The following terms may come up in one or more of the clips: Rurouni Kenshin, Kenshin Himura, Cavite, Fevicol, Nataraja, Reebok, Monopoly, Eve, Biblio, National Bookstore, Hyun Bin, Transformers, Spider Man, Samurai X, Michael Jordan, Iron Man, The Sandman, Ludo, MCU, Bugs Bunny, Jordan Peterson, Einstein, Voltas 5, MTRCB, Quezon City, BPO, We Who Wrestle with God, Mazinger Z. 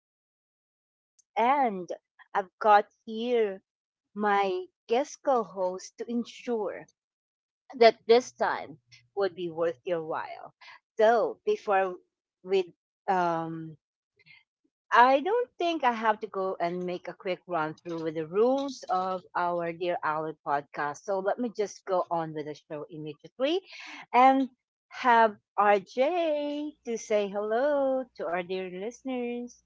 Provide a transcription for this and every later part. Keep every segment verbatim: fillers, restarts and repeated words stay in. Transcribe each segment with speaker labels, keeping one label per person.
Speaker 1: Ally podcast. And I've got here my guest co-host to ensure that this time would be worth your while. So before we, um, I don't think I have to go and make a quick run through with the rules of our Dear Ally podcast. So let me just go on with the show immediately and have R J to say hello to our dear listeners.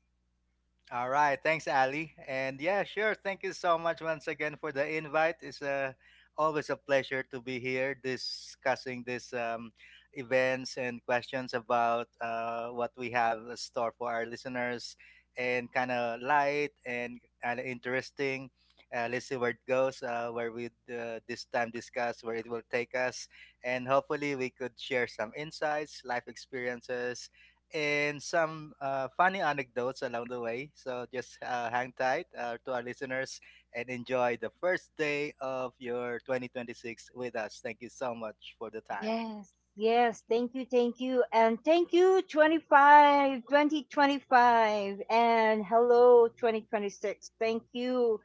Speaker 2: All right, thanks, Ali. And yeah, sure. Thank you so much once again for the invite. It's uh, always a pleasure to be here discussing these um, events and questions about uh, what we have in store for our listeners and kind of light and kind of interesting. Uh, let's see where it goes, uh, where we uh, this time discuss where it will take us. And hopefully, we could share some insights, life experiences, and some uh, funny anecdotes along the way. So just uh, hang tight uh, to our listeners and enjoy the first day of your twenty twenty-six with us. Thank you so much for the time.
Speaker 1: Yes, yes. Thank you, thank you. And thank you, twenty-five, twenty twenty-five. And hello, twenty twenty-six. Thank you.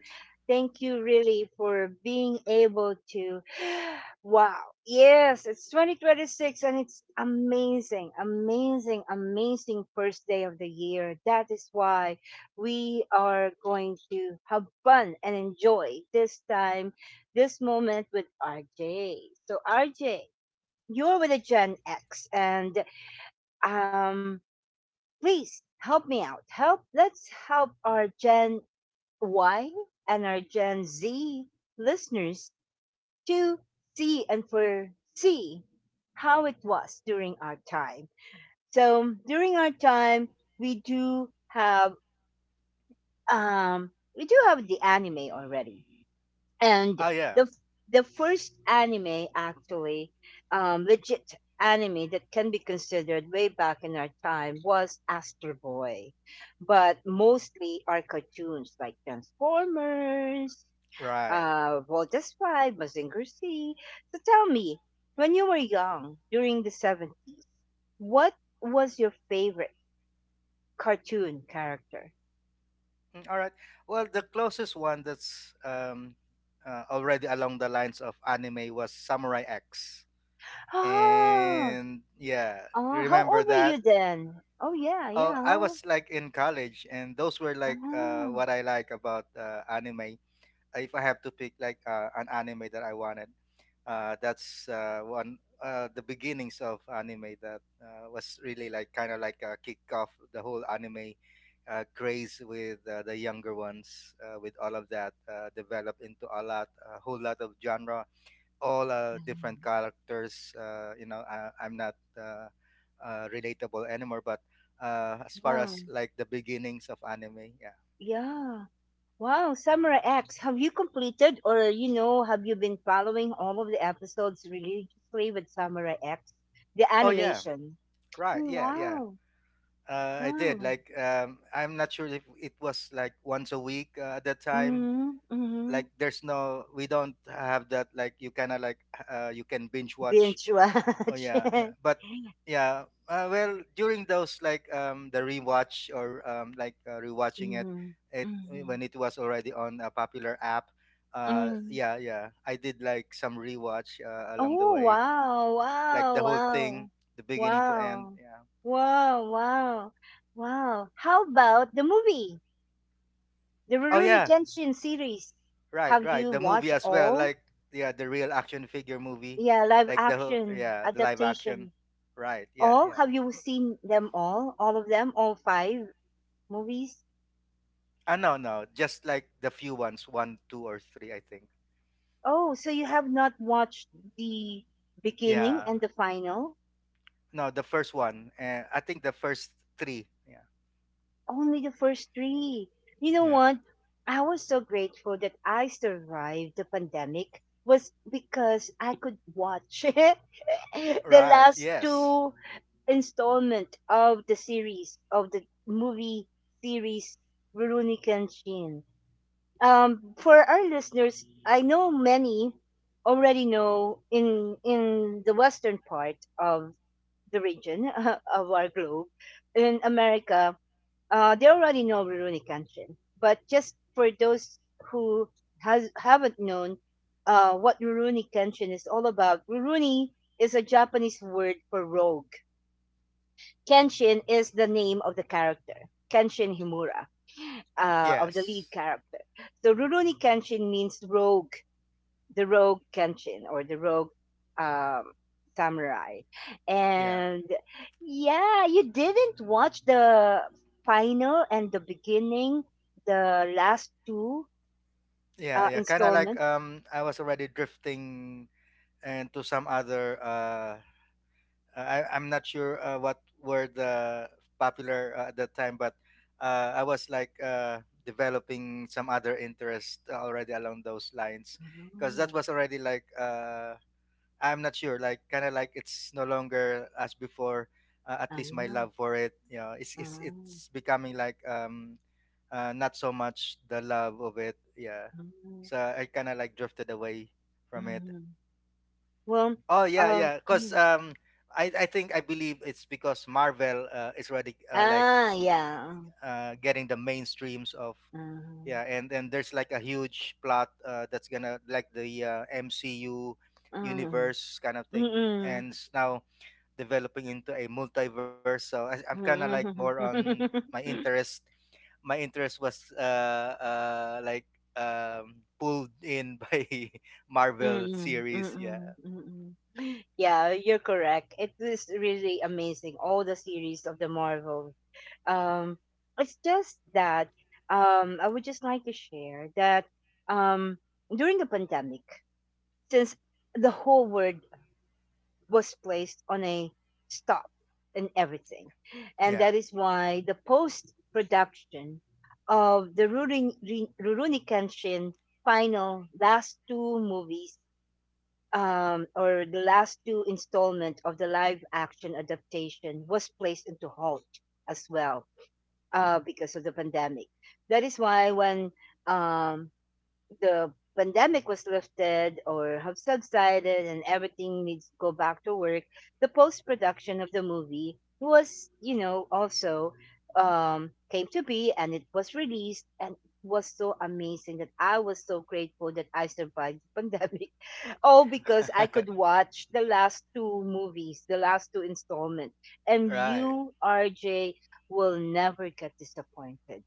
Speaker 1: Thank you, really, for being able to. Wow. Yes, it's twenty twenty-six and it's amazing, amazing, amazing first day of the year. That is why we are going to have fun and enjoy this time, this moment with R J. So, R J. You're with a Gen X, and um, please help me out. Help. Let's help our Gen Y and our Gen Z listeners to see and foresee how it was during our time. So during our time, we do have um, we do have the anime already. And
Speaker 2: Oh,
Speaker 1: the
Speaker 2: yeah,
Speaker 1: f- the first anime, actually, um legit anime that can be considered way back in our time was Astro Boy, but mostly our cartoons like Transformers,
Speaker 2: right.
Speaker 1: uh Voltas five, Mazinger Z. So tell me, when you were young during the seventies, what was your favorite cartoon character?
Speaker 2: Mm, all right. Well, the closest one that's um, uh, already along the lines of anime was Samurai X.
Speaker 1: Ah.
Speaker 2: And yeah, you
Speaker 1: Oh, how
Speaker 2: remember
Speaker 1: old were you
Speaker 2: that?
Speaker 1: then? Oh, yeah, yeah.
Speaker 2: Oh, I
Speaker 1: How?
Speaker 2: was like in college, and those were like uh,
Speaker 1: Oh.
Speaker 2: what I like about uh, anime. Uh, if I have to pick like uh, an anime that I wanted, uh, that's uh, one uh, the beginnings of anime that uh, was really like kind of like a kick off the whole anime uh, craze with uh, the younger ones uh, with all of that uh, developed into a lot a whole lot of genre, all uh, different
Speaker 1: Mm.
Speaker 2: characters, uh, you know I, i'm not uh, uh, relatable anymore, but uh, as far
Speaker 1: Wow.
Speaker 2: as like the beginnings of anime, yeah.
Speaker 1: Yeah. Wow, Samurai X, have you completed, or you know, have you been following all of the episodes religiously with Samurai X, the
Speaker 2: Oh yeah,
Speaker 1: animation?
Speaker 2: right,
Speaker 1: Oh,
Speaker 2: yeah, yeah.
Speaker 1: wow.
Speaker 2: Uh, I did.
Speaker 1: Wow.
Speaker 2: Like, um, I'm not sure if it was like once a week uh, at that time.
Speaker 1: Mhm.
Speaker 2: Like,
Speaker 1: Mhm.
Speaker 2: there's no, we don't have that. Like, you kind of like, uh, you can binge watch.
Speaker 1: Binge
Speaker 2: Oh
Speaker 1: watch.
Speaker 2: yeah, yeah. But yeah, uh, well, during those like um, the rewatch or um, like uh, rewatching it,
Speaker 1: Mhm.
Speaker 2: it
Speaker 1: Mhm.
Speaker 2: when it was already on a popular app. Uh,
Speaker 1: Mm.
Speaker 2: yeah, yeah. I did like some rewatch uh, along the
Speaker 1: Oh,
Speaker 2: way,
Speaker 1: wow.
Speaker 2: like
Speaker 1: Wow,
Speaker 2: the whole
Speaker 1: wow.
Speaker 2: thing, the beginning to end.
Speaker 1: Wow.
Speaker 2: Yeah.
Speaker 1: Wow, wow. Wow. How about the movie? The
Speaker 2: Oh
Speaker 1: Rurouni
Speaker 2: yeah,
Speaker 1: Kenshin series.
Speaker 2: right,
Speaker 1: Have
Speaker 2: right.
Speaker 1: you
Speaker 2: The movie
Speaker 1: watched
Speaker 2: as well,
Speaker 1: all?
Speaker 2: like yeah, the real action figure movie,
Speaker 1: Yeah, live
Speaker 2: like the whole-
Speaker 1: action
Speaker 2: yeah, the live action.
Speaker 1: adaptation.
Speaker 2: Right. Yeah,
Speaker 1: All?
Speaker 2: yeah.
Speaker 1: Have you seen them all? All of them? All five movies?
Speaker 2: Ah, no, no, just like the few ones, one, two, or three, I think.
Speaker 1: Oh, so you have not watched the beginning
Speaker 2: Yeah.
Speaker 1: and the final?
Speaker 2: No, the first one, and I think the first three. Yeah.
Speaker 1: Only the first three. You know
Speaker 2: Yeah.
Speaker 1: what? I was so grateful that I survived the pandemic was because I could watch the
Speaker 2: Right.
Speaker 1: last
Speaker 2: Yes.
Speaker 1: two installment of the series of the movie series Rurouni Kenshin. Um, for our listeners, I know many already know in in the western part of the region of our globe in America, uh, they already know Rurouni Kenshin, but just for those who has haven't known uh, what Rurouni Kenshin is all about. Rurouni is a Japanese word for rogue. Kenshin is the name of the character, Kenshin Himura, uh, of the lead
Speaker 2: Yes.
Speaker 1: character. So Rurouni Kenshin means rogue, the rogue Kenshin, or the rogue um, samurai.
Speaker 2: Yeah.
Speaker 1: And yeah, you didn't watch the final and the beginning, the last two
Speaker 2: Yeah.
Speaker 1: uh,
Speaker 2: Yeah. Kind of like
Speaker 1: installment.
Speaker 2: um, I was already drifting into some other uh I, I'm not sure uh, what were the popular uh, at that time. But uh, I was like uh, developing some other interest already along those lines, because that
Speaker 1: Ah,
Speaker 2: was already like uh, I'm not sure, like kind of like it's no longer as before. Uh, at least my
Speaker 1: ah,
Speaker 2: love for it, you know, it's it's
Speaker 1: ah,
Speaker 2: it's becoming like um uh, not so much the love of it, yeah.
Speaker 1: ah,
Speaker 2: So I kind of like drifted away from it.
Speaker 1: ah. Well,
Speaker 2: Oh yeah,
Speaker 1: um,
Speaker 2: yeah. Cause
Speaker 1: mm.
Speaker 2: um, I I think I believe it's because Marvel uh, is already uh, like
Speaker 1: Ah, yeah.
Speaker 2: uh, getting the mainstreams of,
Speaker 1: Ah,
Speaker 2: yeah. And and there's like a huge plot uh, that's gonna like the uh, M C U
Speaker 1: ah,
Speaker 2: universe kind of thing,
Speaker 1: mm-mm.
Speaker 2: and it's now developing into a multiverse. So I, I'm kind of like more
Speaker 1: Mm-mm.
Speaker 2: on my interest. My interest was uh uh like um pulled in by Marvel
Speaker 1: Mm, mm,
Speaker 2: series. Yeah,
Speaker 1: mm, mm. Yeah, you're correct. It is really amazing, all the series of the Marvel. Um, it's just that um, I would just like to share that um, during the pandemic, since the whole world was placed on a stop and everything, and
Speaker 2: yeah.
Speaker 1: that is why the post production of the Rurouni Rin- Rurouni Kenshin final last two movies, um, or the last two installment of the live action adaptation was placed into halt as well, uh, because of the pandemic. That is why when um, the pandemic was lifted or have subsided and everything needs to go back to work, the post production of the movie was, you know, also um, came to be and it was released and it was so amazing that I was so grateful that I survived the pandemic. All because I could watch the last two movies, the last two installments. And
Speaker 2: Right.
Speaker 1: you, R J, will never get disappointed.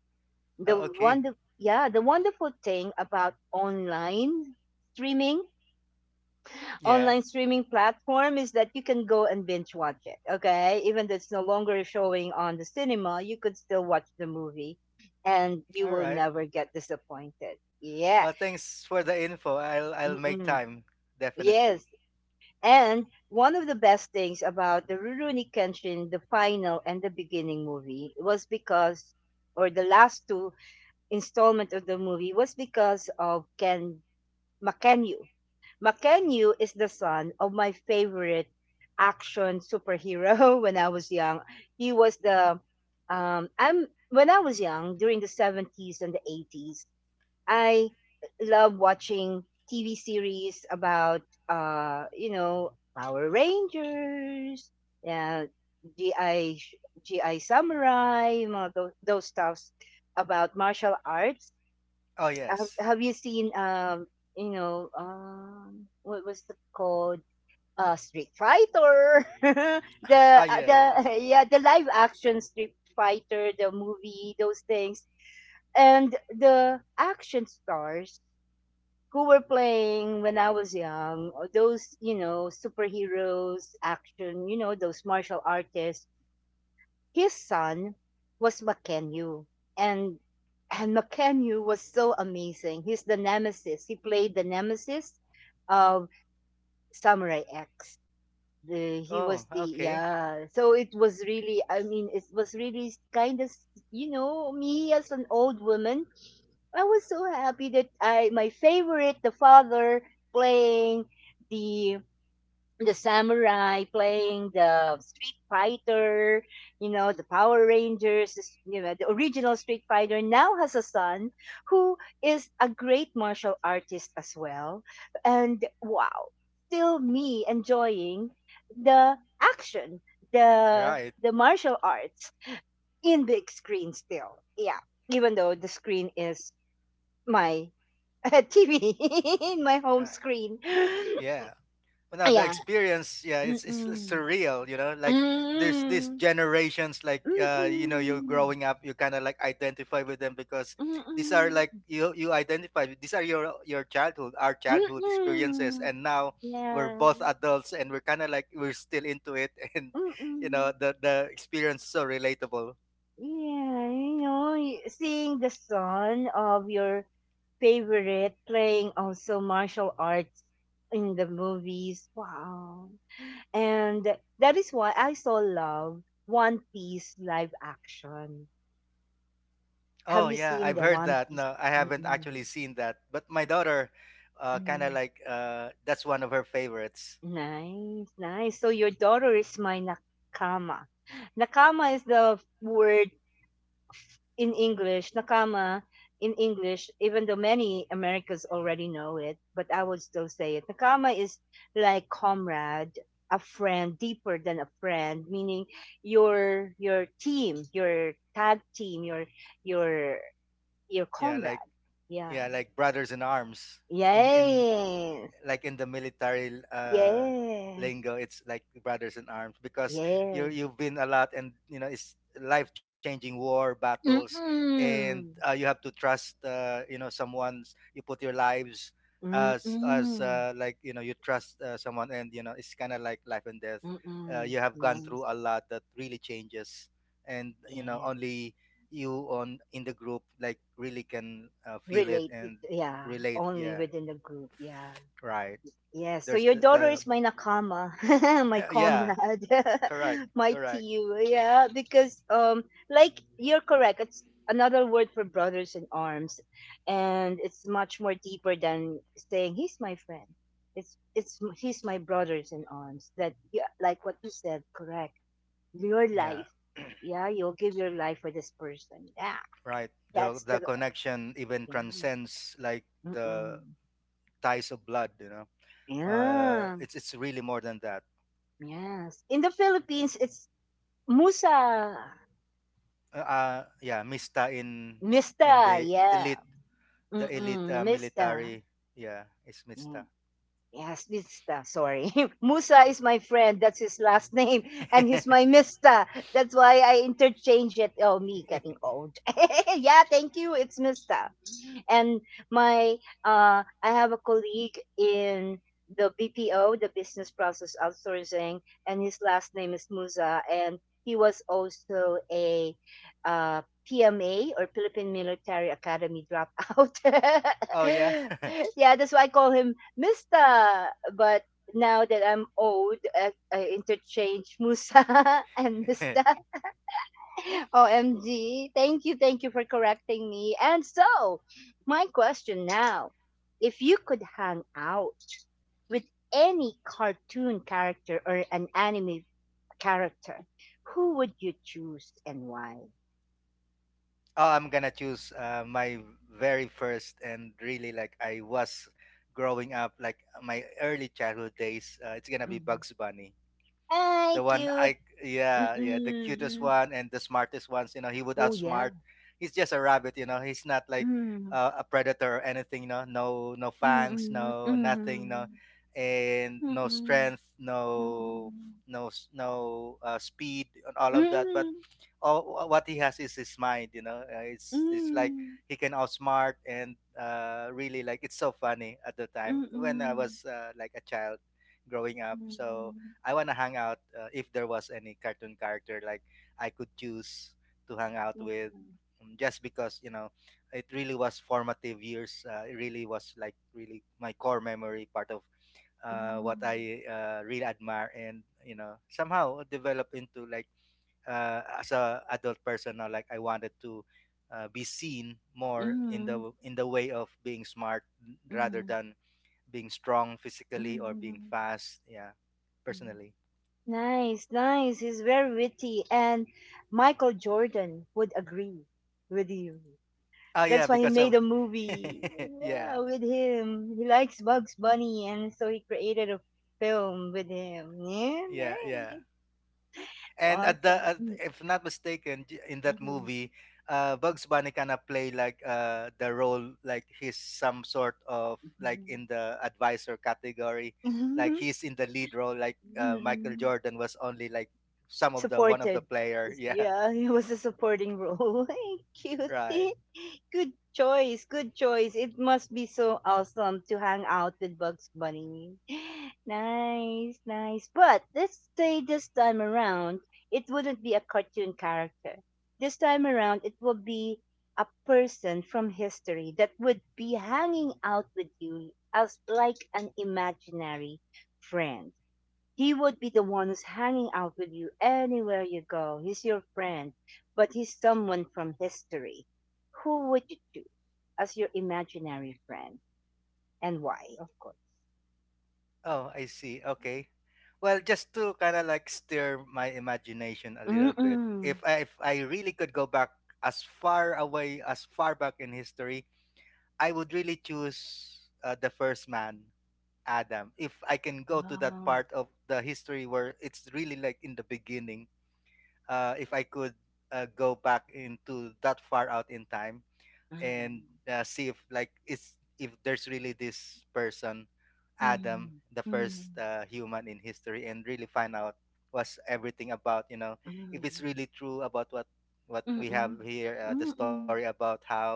Speaker 1: The
Speaker 2: Oh, okay.
Speaker 1: wonder, yeah, the wonderful thing about online streaming,
Speaker 2: Yeah.
Speaker 1: online streaming platform is that you can go and binge watch it, okay, even though it's no longer showing on the cinema, you could still watch the movie, and you
Speaker 2: All
Speaker 1: will
Speaker 2: right.
Speaker 1: never get disappointed. Yeah.
Speaker 2: Well, thanks for the info. I'll I'll make
Speaker 1: Mm-mm.
Speaker 2: time
Speaker 1: Yes,
Speaker 2: definitely.
Speaker 1: and one of the best things about the Rurouni Kenshin, the final and the beginning movie, was because, or the last two installment of the movie, was because of Ken Makenyu. Makenyu is the son of my favorite action superhero when I was young. He was the um I'm when I was young during the seventies and the eighties, I love watching T V series about, uh you know, Power Rangers, yeah, G I sh- G I Samurai, you know, those, those stuffs about martial arts.
Speaker 2: Oh
Speaker 1: have,
Speaker 2: yes.
Speaker 1: have you seen, um you know, um what was the called, uh Street Fighter, the
Speaker 2: Ah
Speaker 1: uh,
Speaker 2: yes.
Speaker 1: the yeah, the live action Street Fighter the movie, those things, and the action stars who were playing when I was young, or those, you know, superheroes action, you know, those martial artists, his son was McKenyu, and and McKenyu was so amazing. He's the nemesis. He played the nemesis of Samurai X. The, he was
Speaker 2: Oh
Speaker 1: the,
Speaker 2: okay.
Speaker 1: yeah. So it was really, I mean, it was really kind of, you know, me as an old woman. I was so happy that I my favorite the father playing the the samurai playing the Street Fighter, you know, the Power Rangers, this- you know, the original Street Fighter now has a son who is a great martial artist as well. And wow, still me enjoying the action, the
Speaker 2: Right.
Speaker 1: the martial arts in big screen still. Yeah. Even though the screen is my T V in my home
Speaker 2: Right.
Speaker 1: screen.
Speaker 2: Yeah. Well, no, the
Speaker 1: Yeah.
Speaker 2: experience, yeah, it's it's
Speaker 1: Mm-mm.
Speaker 2: surreal, you know. Like there's these
Speaker 1: Mm,
Speaker 2: generations, like uh, you know, you're
Speaker 1: mm,
Speaker 2: growing up, you kind of like identify with them because these are like
Speaker 1: mm,
Speaker 2: you you identify with- These are your your childhood, our childhood experiences,
Speaker 1: mm.
Speaker 2: and now we're
Speaker 1: Yeah,
Speaker 2: both adults and we're kind of like we're still into it, and you know,
Speaker 1: mm.
Speaker 2: the the experience is so relatable.
Speaker 1: Yeah, you know, y- seeing the son of your favorite playing also martial arts in the movies. Wow. And that is why I so love One Piece live action. Have
Speaker 2: Oh
Speaker 1: you
Speaker 2: yeah,
Speaker 1: seen
Speaker 2: I've
Speaker 1: the
Speaker 2: heard
Speaker 1: One
Speaker 2: that.
Speaker 1: Piece?
Speaker 2: No, I haven't
Speaker 1: Mm-mm.
Speaker 2: actually seen that, but my daughter, uh, kind of like uh, that's one of her favorites.
Speaker 1: Nice, nice. So your daughter is my nakama. Nakama is the word in English. Nakama in English, even though many Americans already know it, but I would still say it. Nakama is like comrade, a friend, deeper than a friend, meaning your your team, your tag team, your your your
Speaker 2: Yeah, like
Speaker 1: comrade. Yeah.
Speaker 2: yeah, like brothers in arms, in in
Speaker 1: Yes.
Speaker 2: like in the military uh
Speaker 1: Yes.
Speaker 2: lingo, it's like brothers in arms, because you
Speaker 1: Yes.
Speaker 2: you've been a lot and you know it's life changing war battles, and
Speaker 1: Mm-mm.
Speaker 2: uh, you have to trust, uh, you know, someone you put your lives as as
Speaker 1: Mm-mm.
Speaker 2: uh, like you know you trust uh, someone and you know it's kind of like life and death. Uh,
Speaker 1: Mm-mm.
Speaker 2: you have gone
Speaker 1: Yes,
Speaker 2: through a lot that really changes, and you know
Speaker 1: yes.
Speaker 2: only you on in the group like really can uh, feel it
Speaker 1: Related,
Speaker 2: and
Speaker 1: yeah.
Speaker 2: relate,
Speaker 1: Only
Speaker 2: yeah,
Speaker 1: within the group, yeah.
Speaker 2: right.
Speaker 1: Yes. So
Speaker 2: There's
Speaker 1: your
Speaker 2: the,
Speaker 1: daughter
Speaker 2: the
Speaker 1: is my nakama, my
Speaker 2: yeah,
Speaker 1: comrade,
Speaker 2: correct,
Speaker 1: my
Speaker 2: correct,
Speaker 1: team, yeah. Because um, like you're correct. It's another word for brothers in arms, and it's much more deeper than saying he's my friend. It's it's he's my brothers in arms. That, yeah, like what you said, correct your
Speaker 2: yeah,
Speaker 1: life. Yeah, you'll give your life for this person. Yeah,
Speaker 2: right. the
Speaker 1: that's the,
Speaker 2: the connection even
Speaker 1: yeah.
Speaker 2: transcends like the
Speaker 1: Mm-mm.
Speaker 2: ties of blood, you know, uh
Speaker 1: Yeah.
Speaker 2: it's it's really more than that.
Speaker 1: Yes. In the Philippines, it's Musa,
Speaker 2: Uh uh, yeah, mista, in in
Speaker 1: Mista.
Speaker 2: the
Speaker 1: Yeah.
Speaker 2: elite, the elite
Speaker 1: Mm-mm.
Speaker 2: uh,
Speaker 1: Mista.
Speaker 2: military, yeah, it's
Speaker 1: Yeah.
Speaker 2: mista.
Speaker 1: Yes, Mista. Sorry, Musa is my friend. That's his last name, and he's my Mista. That's why I interchange it. Oh, me getting old. Yeah. Thank you. It's Mista. And my uh, I have a colleague in the B P O, the business process outsourcing, and his last name is Musa, and he was also a uh, P M A or Philippine Military Academy dropout.
Speaker 2: Oh yeah.
Speaker 1: Yeah, that's why I call him Mister. But now that I'm old, I, I interchange Musa and Mister. O M G. Thank you, thank you for correcting me. And so, my question now, if you could hang out with any cartoon character or an anime character, who would you choose and why?
Speaker 2: Oh, I'm gonna choose uh, my very first and really like I was growing up, like my early childhood days. Uh, it's gonna be
Speaker 1: Mhm.
Speaker 2: Bugs Bunny,
Speaker 1: Hi,
Speaker 2: the one
Speaker 1: cute.
Speaker 2: I yeah yeah, the cutest
Speaker 1: Mm-mm.
Speaker 2: one and the smartest ones. You know, he would
Speaker 1: Oh, yeah.
Speaker 2: outsmart. He's just a rabbit. You know, he's not like
Speaker 1: Mm,
Speaker 2: uh, a predator or anything. You know, no no
Speaker 1: mm,
Speaker 2: fangs,
Speaker 1: mm,
Speaker 2: no nothing. No
Speaker 1: mm,
Speaker 2: and
Speaker 1: mm,
Speaker 2: no
Speaker 1: mm.
Speaker 2: strength, no
Speaker 1: Mm-mm.
Speaker 2: no s- no uh, speed and all of that. But
Speaker 1: Mm.
Speaker 2: all what he has is his mind. You know, uh, it's it's like he can outsmart and uh, really like it's so funny at the time
Speaker 1: Mm,
Speaker 2: when I
Speaker 1: mm,
Speaker 2: was uh, like a child growing up. So
Speaker 1: mm,
Speaker 2: I want to hang out uh, if there was any cartoon character like I could choose to hang out with,
Speaker 1: mm.
Speaker 2: um, just because you know it really was formative years. Uh, it really was like really my core memory part of uh, what
Speaker 1: Mhm.
Speaker 2: I uh, really admire and you know somehow develop into like uh, as a adult person now, like I wanted to uh, be seen more in
Speaker 1: Mhm.
Speaker 2: the in the way of being smart rather
Speaker 1: Mhm.
Speaker 2: than being strong physically or being
Speaker 1: Mhm.
Speaker 2: fast, yeah,
Speaker 1: Mhm.
Speaker 2: personally.
Speaker 1: Nice, nice. He's very witty, and Michael Jordan would agree with you.
Speaker 2: Oh yeah,
Speaker 1: That's why he
Speaker 2: because
Speaker 1: made
Speaker 2: of
Speaker 1: a movie. Yeah,
Speaker 2: yeah,
Speaker 1: with him. He likes Bugs Bunny, and so he created a film with him. Yeah,
Speaker 2: yeah, yeah.
Speaker 1: nice.
Speaker 2: And at the
Speaker 1: Awesome.
Speaker 2: at,
Speaker 1: Mhm.
Speaker 2: if not mistaken, j- in that
Speaker 1: Mhm.
Speaker 2: movie, uh, Bugs Bunny kind of play like uh the role, like he's some sort of like
Speaker 1: Mhm.
Speaker 2: in the advisor category, like
Speaker 1: Mhm.
Speaker 2: he's in the lead role. Like uh, Michael
Speaker 1: Mhm.
Speaker 2: Jordan was only like some of the one of the
Speaker 1: Supported.
Speaker 2: player. Yeah,
Speaker 1: Yeah, it was a supporting role. Hey,
Speaker 2: right.
Speaker 1: cutie. Good choice. Good choice. It must be so awesome to hang out with Bugs Bunny. Nice, nice. But let's say this time around, it wouldn't be a cartoon character. This time around, it will be a person from history that would be hanging out with you as like an imaginary friend. He would be the one who's hanging out with you anywhere you go. He's your friend, but he's someone from history. Who would you choose as your imaginary friend, and why, of course?
Speaker 2: Oh, I see. Okay. Well, just to kind of like stir my imagination a little bit,
Speaker 1: Mm-mm.
Speaker 2: if I, if I really could go back as far away as far back in history, I would really choose uh, the first man, Adam. If I can go to
Speaker 1: Ah,
Speaker 2: that
Speaker 1: mm,
Speaker 2: part of the history where it's really like in the beginning, uh, if I could uh, go back into that far out in time and
Speaker 1: mm,
Speaker 2: uh, see if like it's if there's really this person Adam,
Speaker 1: mm,
Speaker 2: the first uh, human in history, and really find out what's everything about, you know, if it's
Speaker 1: mm,
Speaker 2: really true about what what we have
Speaker 1: mm-mm,
Speaker 2: here, uh, the story
Speaker 1: mm-mm.
Speaker 2: about how,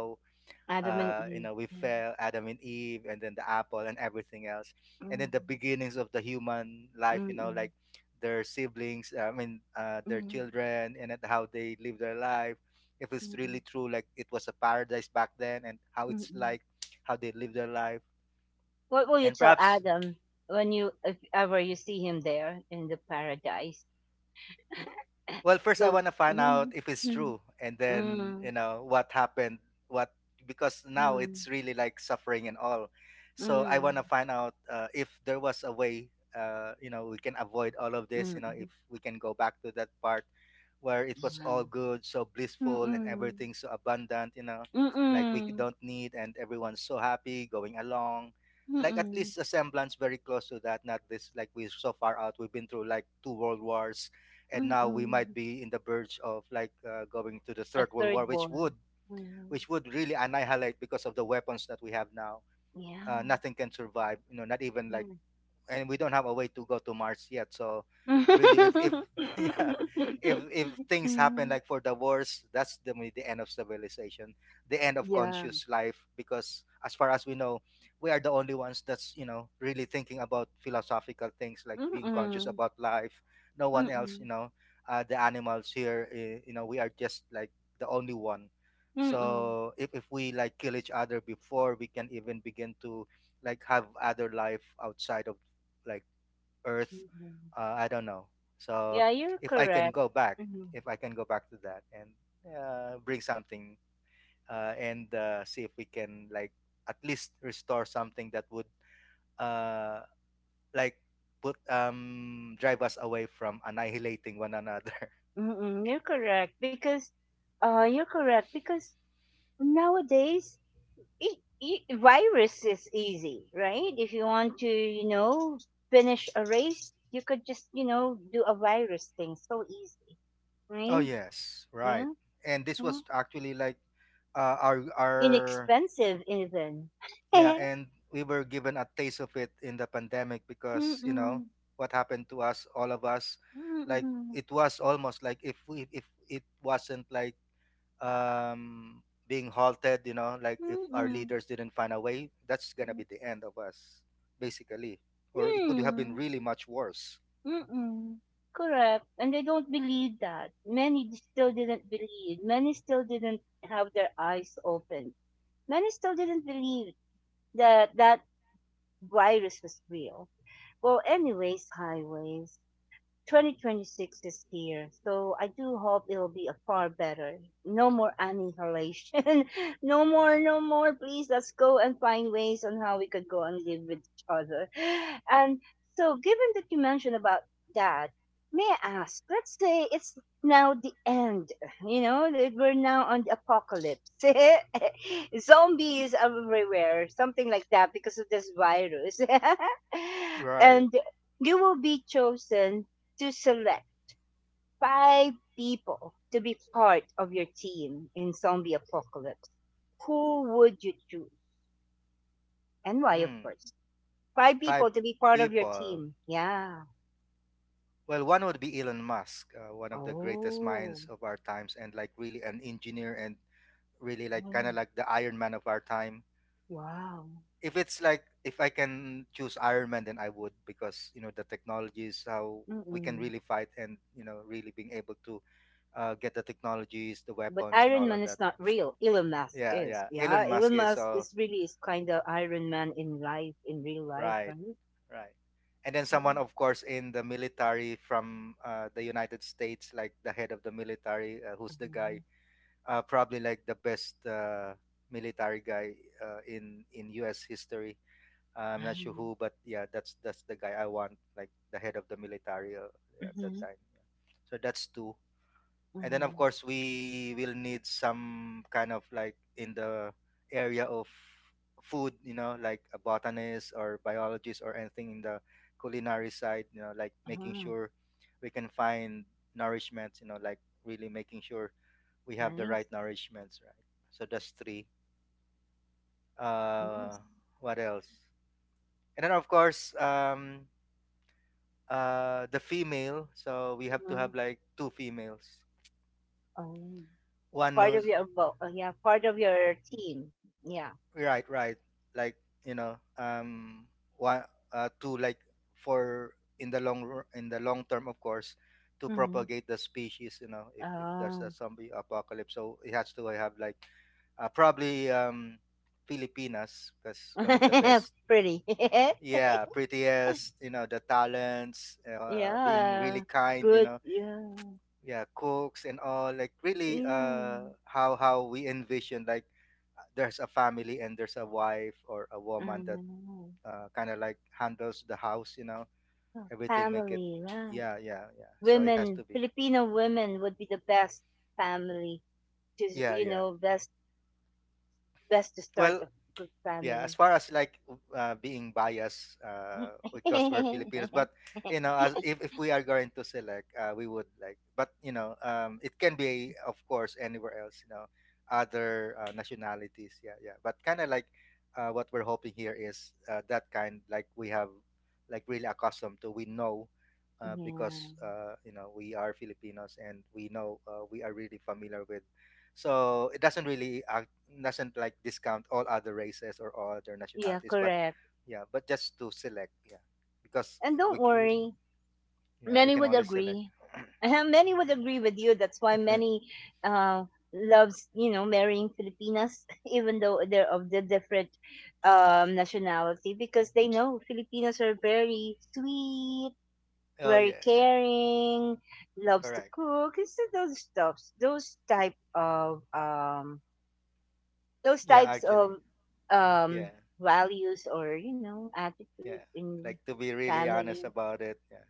Speaker 1: Adam
Speaker 2: uh,
Speaker 1: and
Speaker 2: you know,
Speaker 1: Eve.
Speaker 2: we
Speaker 1: Yeah.
Speaker 2: fell, Adam and Eve, and then the apple and everything else. And then
Speaker 1: Mm,
Speaker 2: the beginnings of the human life, you know,
Speaker 1: mm-mm,
Speaker 2: like their siblings, uh, I mean, uh, their
Speaker 1: mm,
Speaker 2: children, and at how they live their life. If it's really
Speaker 1: mm-mm,
Speaker 2: true, like it was a paradise back then, and how it's
Speaker 1: mm-mm.
Speaker 2: like, how they live their life.
Speaker 1: What will you
Speaker 2: And
Speaker 1: tell
Speaker 2: perhaps,
Speaker 1: Adam when you, if ever you see him there in the paradise?
Speaker 2: well, first I
Speaker 1: Don't.
Speaker 2: want to find out
Speaker 1: Mhm,
Speaker 2: if it's
Speaker 1: mhm.
Speaker 2: true, and then
Speaker 1: Mm,
Speaker 2: you know what happened. What because now it's
Speaker 1: mm,
Speaker 2: really like suffering and all. So I want to find out uh, if there was a way. Uh, you know, we can avoid all of this. You
Speaker 1: mm,
Speaker 2: know, if
Speaker 1: mm,
Speaker 2: we can go back to that part where it was
Speaker 1: yeah.
Speaker 2: all good, so blissful, and
Speaker 1: Mm-mm.
Speaker 2: everything so abundant, you know, like we
Speaker 1: Mm-mm.
Speaker 2: don't need, and everyone's so happy going along. Like at
Speaker 1: Mm-mm.
Speaker 2: least a semblance very close to that, not this like we're so far out. We've been through like two world wars, and now we might
Speaker 1: Mm-mm.
Speaker 2: be in the verge of like uh, going to the
Speaker 1: A
Speaker 2: third world
Speaker 1: third
Speaker 2: war, which
Speaker 1: born.
Speaker 2: would
Speaker 1: Mm.
Speaker 2: which would really annihilate because of the weapons that we have now. Uh,
Speaker 1: Yeah.
Speaker 2: nothing can survive, you know, not even like,
Speaker 1: Mm.
Speaker 2: and we don't have a way to go to Mars yet. So really, if if yeah, if if things happen
Speaker 1: Mm.
Speaker 2: like for the wars, that's the maybe the end of civilization, the end of
Speaker 1: Yeah.
Speaker 2: conscious life. Because as far as we know, we are the only ones that's, you know, really thinking about philosophical things like being conscious
Speaker 1: Mm-mm.
Speaker 2: about life. No one else, you
Speaker 1: Mm-mm.
Speaker 2: know, uh, the animals here, eh, you know, we are just like the only one.
Speaker 1: Mm-mm.
Speaker 2: So if, if we like kill each other before we can even begin to like have other life outside of like Earth.
Speaker 1: Mm-mm.
Speaker 2: Uh, I don't know. So
Speaker 1: Yeah, you're
Speaker 2: if I can
Speaker 1: correct.
Speaker 2: go back,
Speaker 1: Mm-mm.
Speaker 2: if I can go back to that and uh, bring something uh, and uh, see if we can like at least restore something that would uh, like put um drive us away from annihilating one another.
Speaker 1: Mm-mm. You're correct because uh you're correct because nowadays, it, it, virus is easy, right? If you want to, you know, finish a race, you could just, you know, do a virus thing so easy,
Speaker 2: Oh
Speaker 1: right?
Speaker 2: yes, right.
Speaker 1: Yeah.
Speaker 2: And this
Speaker 1: mhm.
Speaker 2: was actually like uh, our our
Speaker 1: Inexpensive even.
Speaker 2: Yeah, and we were given a taste of it in the pandemic because, you know,
Speaker 1: Mm-mm,
Speaker 2: what happened to us, all of us, like
Speaker 1: mm-mm,
Speaker 2: it was almost like if we if it wasn't like um being halted, you know, like if our
Speaker 1: mm-mm,
Speaker 2: leaders didn't find a way, that's gonna be the end of us, basically. Or it could have been
Speaker 1: mm,
Speaker 2: really much worse.
Speaker 1: mm-mm. Correct. And they don't believe that. Many d- still didn't believe. Many still didn't have their eyes opened. Many still didn't believe that that virus was real. Well, anyways, highways. twenty twenty-six is here, so I do hope it'll be a far better. No more annihilation. No more, no more. Please, let's go and find ways on how we could go and live with each other. And so, given that you mentioned about that, may I ask, let's say it's now the end, you know, that we're now on the apocalypse. Zombies everywhere, something like that, because of this virus.
Speaker 2: Right.
Speaker 1: And you will be chosen to select five people to be part of your team in zombie apocalypse, who would you choose and why, of
Speaker 2: Hmm.
Speaker 1: course? Five people
Speaker 2: Five
Speaker 1: to be part of your
Speaker 2: people.
Speaker 1: team. Yeah.
Speaker 2: Well, one would be Elon Musk, uh, one of the greatest
Speaker 1: Oh.
Speaker 2: minds of our times, and like really an engineer and really like kind
Speaker 1: Oh,
Speaker 2: of like the Iron Man of our time.
Speaker 1: wow.
Speaker 2: If it's like if I can choose Iron Man, then I would because you know the technologies how we can
Speaker 1: Mm-mm.
Speaker 2: really fight and you know really being able to uh, get the technologies, the
Speaker 1: But
Speaker 2: weapons, and
Speaker 1: Iron
Speaker 2: all of
Speaker 1: Man
Speaker 2: that.
Speaker 1: is not
Speaker 2: Yeah,
Speaker 1: real. Elon Musk
Speaker 2: yeah,
Speaker 1: is.
Speaker 2: yeah. Elon
Speaker 1: Yeah.
Speaker 2: Musk
Speaker 1: Elon
Speaker 2: is
Speaker 1: Musk
Speaker 2: all
Speaker 1: is really is kind of Iron Man in life, in real life,
Speaker 2: right,
Speaker 1: right?
Speaker 2: right. And then
Speaker 1: Yeah.
Speaker 2: someone, of course, in the military from uh, the United States, like the head of the military, uh, who's the guy,
Speaker 1: Mhm.
Speaker 2: uh, probably like the best uh, military guy uh, in in U S history. I'm not sure
Speaker 1: Wow.
Speaker 2: who, but yeah, that's that's the guy I want, like the head of the military uh, at that
Speaker 1: Mhm.
Speaker 2: time. Yeah. So that's two, and then of
Speaker 1: Mhm.
Speaker 2: course we will need some kind of like in the area of food, you know, like a botanist or biologist or anything in the culinary side, you know, like making
Speaker 1: Ah,
Speaker 2: sure we can find nourishments, you know, like really making sure we have the
Speaker 1: nice.
Speaker 2: right nourishments, right? So that's three. Uh,
Speaker 1: Nice.
Speaker 2: what else? And then of course, um, uh the female, so we have to have like two females,
Speaker 1: Um,
Speaker 2: one
Speaker 1: Part of
Speaker 2: who's
Speaker 1: your bo- uh, yeah, part of your team. Yeah.
Speaker 2: right, right, like you know um one uh two, like for in the long ru- in the long term, of course, to
Speaker 1: Mm-hmm.
Speaker 2: propagate the species, you know, if, if there's a
Speaker 1: Oh.
Speaker 2: zombie apocalypse, so it has to have like uh, probably um Filipinas because one of the best,
Speaker 1: Pretty.
Speaker 2: yeah, prettiest, you know, the talents, uh, being really
Speaker 1: Yeah.
Speaker 2: kind, you
Speaker 1: Good.
Speaker 2: know,
Speaker 1: Yeah.
Speaker 2: yeah, cooks and all, like really
Speaker 1: Yeah.
Speaker 2: uh how how we envision like uh, there's a family and there's a wife or a woman that
Speaker 1: Um,
Speaker 2: uh, kind of like handles the house, you know, everything make it,
Speaker 1: Family, right?
Speaker 2: yeah, yeah, yeah, so it has
Speaker 1: Women,
Speaker 2: to be,
Speaker 1: Filipino women would be the best family to
Speaker 2: yeah,
Speaker 1: you
Speaker 2: yeah,
Speaker 1: know best best to start
Speaker 2: well,
Speaker 1: a good
Speaker 2: yeah,
Speaker 1: family.
Speaker 2: as far as like uh, being biased uh, because we're Filipinos, but you know, as if, if we are going to select, uh, we would like, but you know, um, it can be of course anywhere else, you know, other uh, nationalities, yeah, yeah, but kind of like uh, what we're hoping here is uh, that kind like we have like really accustomed to, we know uh,
Speaker 1: Yeah.
Speaker 2: because uh, you know we are Filipinos and we know, uh, we are really familiar with, so it doesn't really ac doesn't like discount all other races or all other
Speaker 1: Yeah.
Speaker 2: nationalities, but
Speaker 1: Correct.
Speaker 2: yeah, but just to select, yeah, because
Speaker 1: And don't
Speaker 2: we, we
Speaker 1: worry.
Speaker 2: yeah we
Speaker 1: Many
Speaker 2: can
Speaker 1: would
Speaker 2: only select.
Speaker 1: agree. Uh, many would agree with you. That's why many uh, loves, you know, marrying Filipinas, even though they're of the different um, nationality, because they know Filipinas are very sweet,
Speaker 2: Oh
Speaker 1: very
Speaker 2: yeah, yeah.
Speaker 1: caring, loves to
Speaker 2: Correct,
Speaker 1: cook. It's those stuffs, those type of um, those
Speaker 2: yeah,
Speaker 1: types
Speaker 2: actually,
Speaker 1: of um,
Speaker 2: yeah,
Speaker 1: values or you know attitude
Speaker 2: yeah,
Speaker 1: in
Speaker 2: like to be really
Speaker 1: family.
Speaker 2: honest about it, yeah.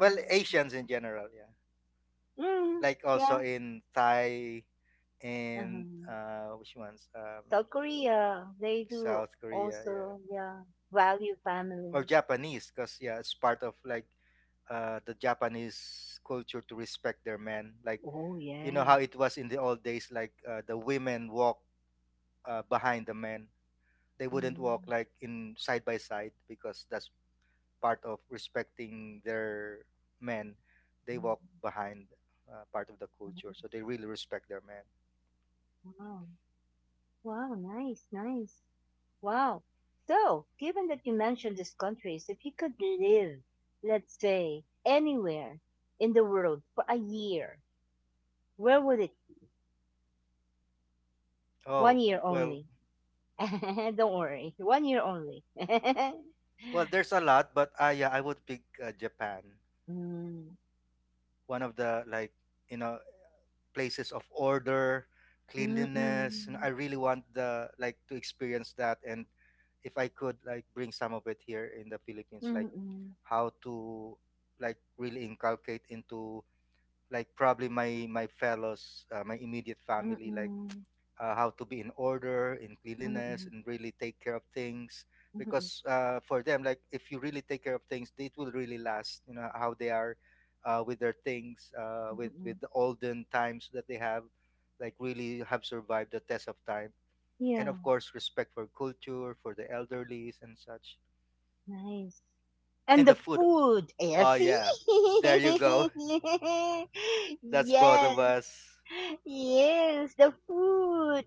Speaker 2: Well, Asians in general, yeah,
Speaker 1: Mm,
Speaker 2: like
Speaker 1: yeah.
Speaker 2: also in Thai
Speaker 1: Uh-huh.
Speaker 2: and uh which ones um
Speaker 1: South Korea, they do
Speaker 2: South Korea,
Speaker 1: also,
Speaker 2: yeah,
Speaker 1: yeah, value
Speaker 2: or
Speaker 1: family.
Speaker 2: Japanese, because yeah it's part of like uh, the Japanese culture to respect their men. Like
Speaker 1: Oh,
Speaker 2: you know
Speaker 1: yes.
Speaker 2: how it was in the old days, like uh, the women walk uh, behind the men. They wouldn't walk
Speaker 1: Mm,
Speaker 2: like in side by side because that's part of respecting their men. They walk
Speaker 1: mm,
Speaker 2: behind, uh, part of the culture,
Speaker 1: nice.
Speaker 2: so they really respect their men.
Speaker 1: Wow. Wow, nice, nice. Wow. So, given that you mentioned these countries, if you could live, let's say, anywhere in the world for a year, where would it? One
Speaker 2: Oh,
Speaker 1: year
Speaker 2: well,
Speaker 1: only. Don't worry, one year only.
Speaker 2: well, there's a lot, but uh, yeah, I would pick uh, Japan.
Speaker 1: Mm,
Speaker 2: One of the like you know places of order,
Speaker 1: mm,
Speaker 2: cleanliness. And I
Speaker 1: mm,
Speaker 2: really want the like to experience that. And if I could like bring some of it here in the Philippines, like
Speaker 1: mm, mm.
Speaker 2: how to like really inculcate into like probably my my fellows, uh, my immediate
Speaker 1: Mm,
Speaker 2: family, like
Speaker 1: mm,
Speaker 2: uh, how to be in order in
Speaker 1: mm,
Speaker 2: cleanliness
Speaker 1: mm.
Speaker 2: and really take care of things
Speaker 1: Mm
Speaker 2: because uh, for them like if you really take care of things it will really last, you know how they are uh, with their things, uh,
Speaker 1: mm
Speaker 2: with with
Speaker 1: mm.
Speaker 2: the olden times that they have like really have survived the test of time, and
Speaker 1: Yeah,
Speaker 2: of course respect for culture for the elderlies and such,
Speaker 1: nice. And
Speaker 2: and the
Speaker 1: the
Speaker 2: food,
Speaker 1: food, eh,
Speaker 2: oh
Speaker 1: see?
Speaker 2: yeah, there you go. That's both
Speaker 1: Yes,
Speaker 2: of us,
Speaker 1: yes, the food.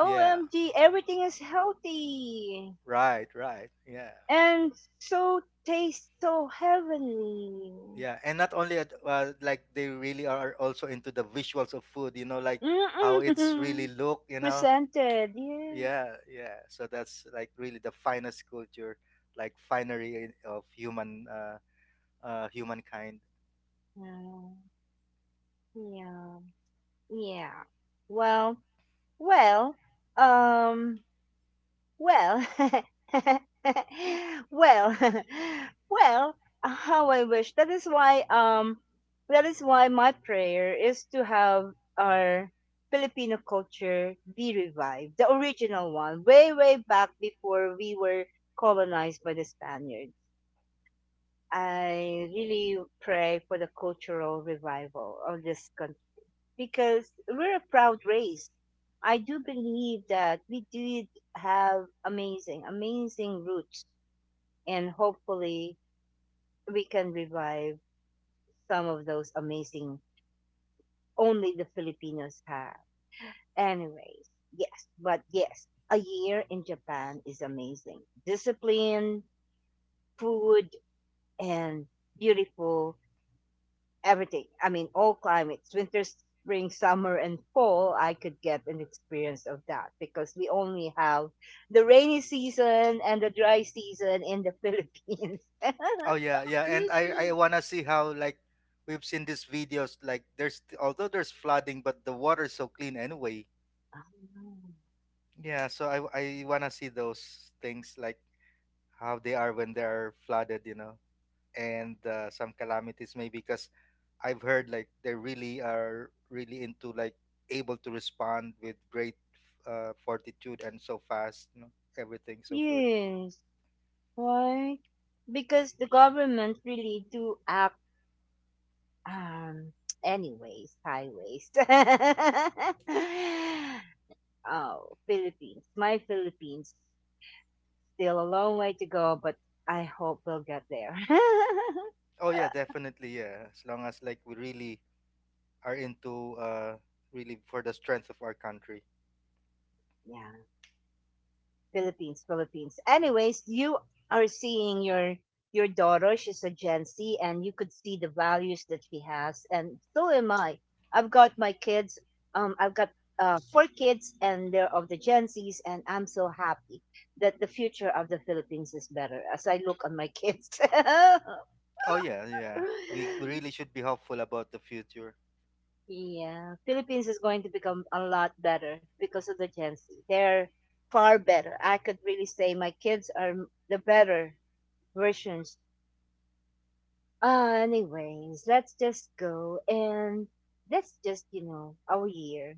Speaker 2: yeah.
Speaker 1: everything is healthy
Speaker 2: Right, right. Yeah.
Speaker 1: and so tastes so heavenly.
Speaker 2: Yeah. And not only at- uh, like they really are also into the visuals of food, you know, like how it's really
Speaker 1: Mm-mm.
Speaker 2: look, you know.
Speaker 1: Presented, yeah.
Speaker 2: Yeah, yeah. So that's like really the finest culture, like finery in- of human uh, uh humankind.
Speaker 1: Yeah, yeah, yeah. Well, well, um, well, well, well, how I wish. That is why um that is why my prayer is to have our Filipino culture be revived, the original one, way way back before we were colonized by the Spaniards. I really pray for the cultural revival of this country because we're a proud race. I do believe that we did have amazing, amazing roots, and hopefully we can revive some of those amazing only the Filipinos have. Anyways, yes, but yes, a year in Japan is amazing. Discipline, food, and beautiful everything. I mean, all climates, winter, spring, summer, and fall, I could get an experience of that because we only have the rainy season and the dry season in the Philippines.
Speaker 2: Oh yeah, yeah. And I I want to see how like we've seen these videos like there's although there's flooding but the water's so clean anyway. Yeah, so I I want to see those things like how they are when they're flooded, you know. And uh, some calamities maybe because I've heard like they really are really into like able to respond with great uh, fortitude and so fast, you know, everything so good.
Speaker 1: Yes, why? Because the government really do act um anyways, highways. Oh, Philippines, my Philippines. Still a long way to go, but I hope we'll get there.
Speaker 2: Oh yeah, definitely, yeah. As long as like we really are into uh, really for the strength of our country.
Speaker 1: Yeah, Philippines, Philippines. Anyways, you are seeing your your daughter. She's a Gen Z, and you could see the values that she has, and so am I. I've got my kids. Um, I've got uh, four kids, and they're of the Gen Zs, and I'm so happy that the future of the Philippines is better as I look on my kids.
Speaker 2: Oh yeah, yeah. We, we really should be hopeful about the future.
Speaker 1: Yeah, Philippines is going to become a lot better because of the Gen Z. They're far better. I could really say my kids are m- the better versions. Uh, anyways, let's just go and let's just, you know, our year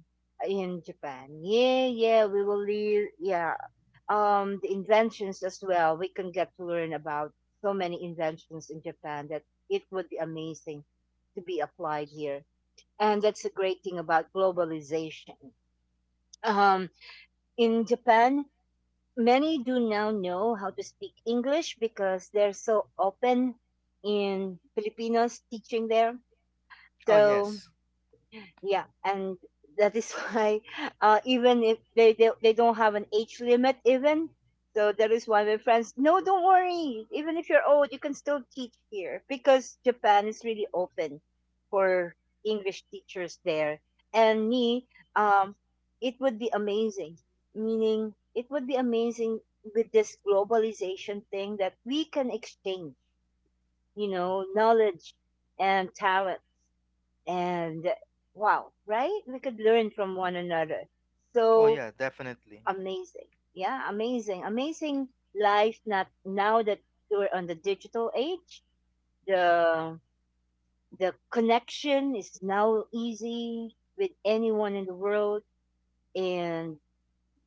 Speaker 1: in Japan. Yeah, yeah, we will leave. Yeah, um, the inventions as well. We can get to learn about so many inventions in Japan that it would be amazing to be applied here and that's a great thing about globalization. Um, in Japan, many do now know how to speak English because they're so open in Filipinos teaching there.
Speaker 2: Oh
Speaker 1: So
Speaker 2: yes.
Speaker 1: yeah, and that is why uh, even if they, they they don't have an age limit, even so that is why my friends, no, don't worry. Even if you're old, you can still teach here because Japan is really open for English teachers there. And me, um, it would be amazing. Meaning, it would be amazing with this globalization thing that we can exchange, you know, knowledge and talent and wow, right? We could learn from one another.
Speaker 2: Oh
Speaker 1: So
Speaker 2: yeah, definitely.
Speaker 1: amazing. Yeah, amazing. Amazing life not now that we're on the digital age. The the connection is now easy with anyone in the world and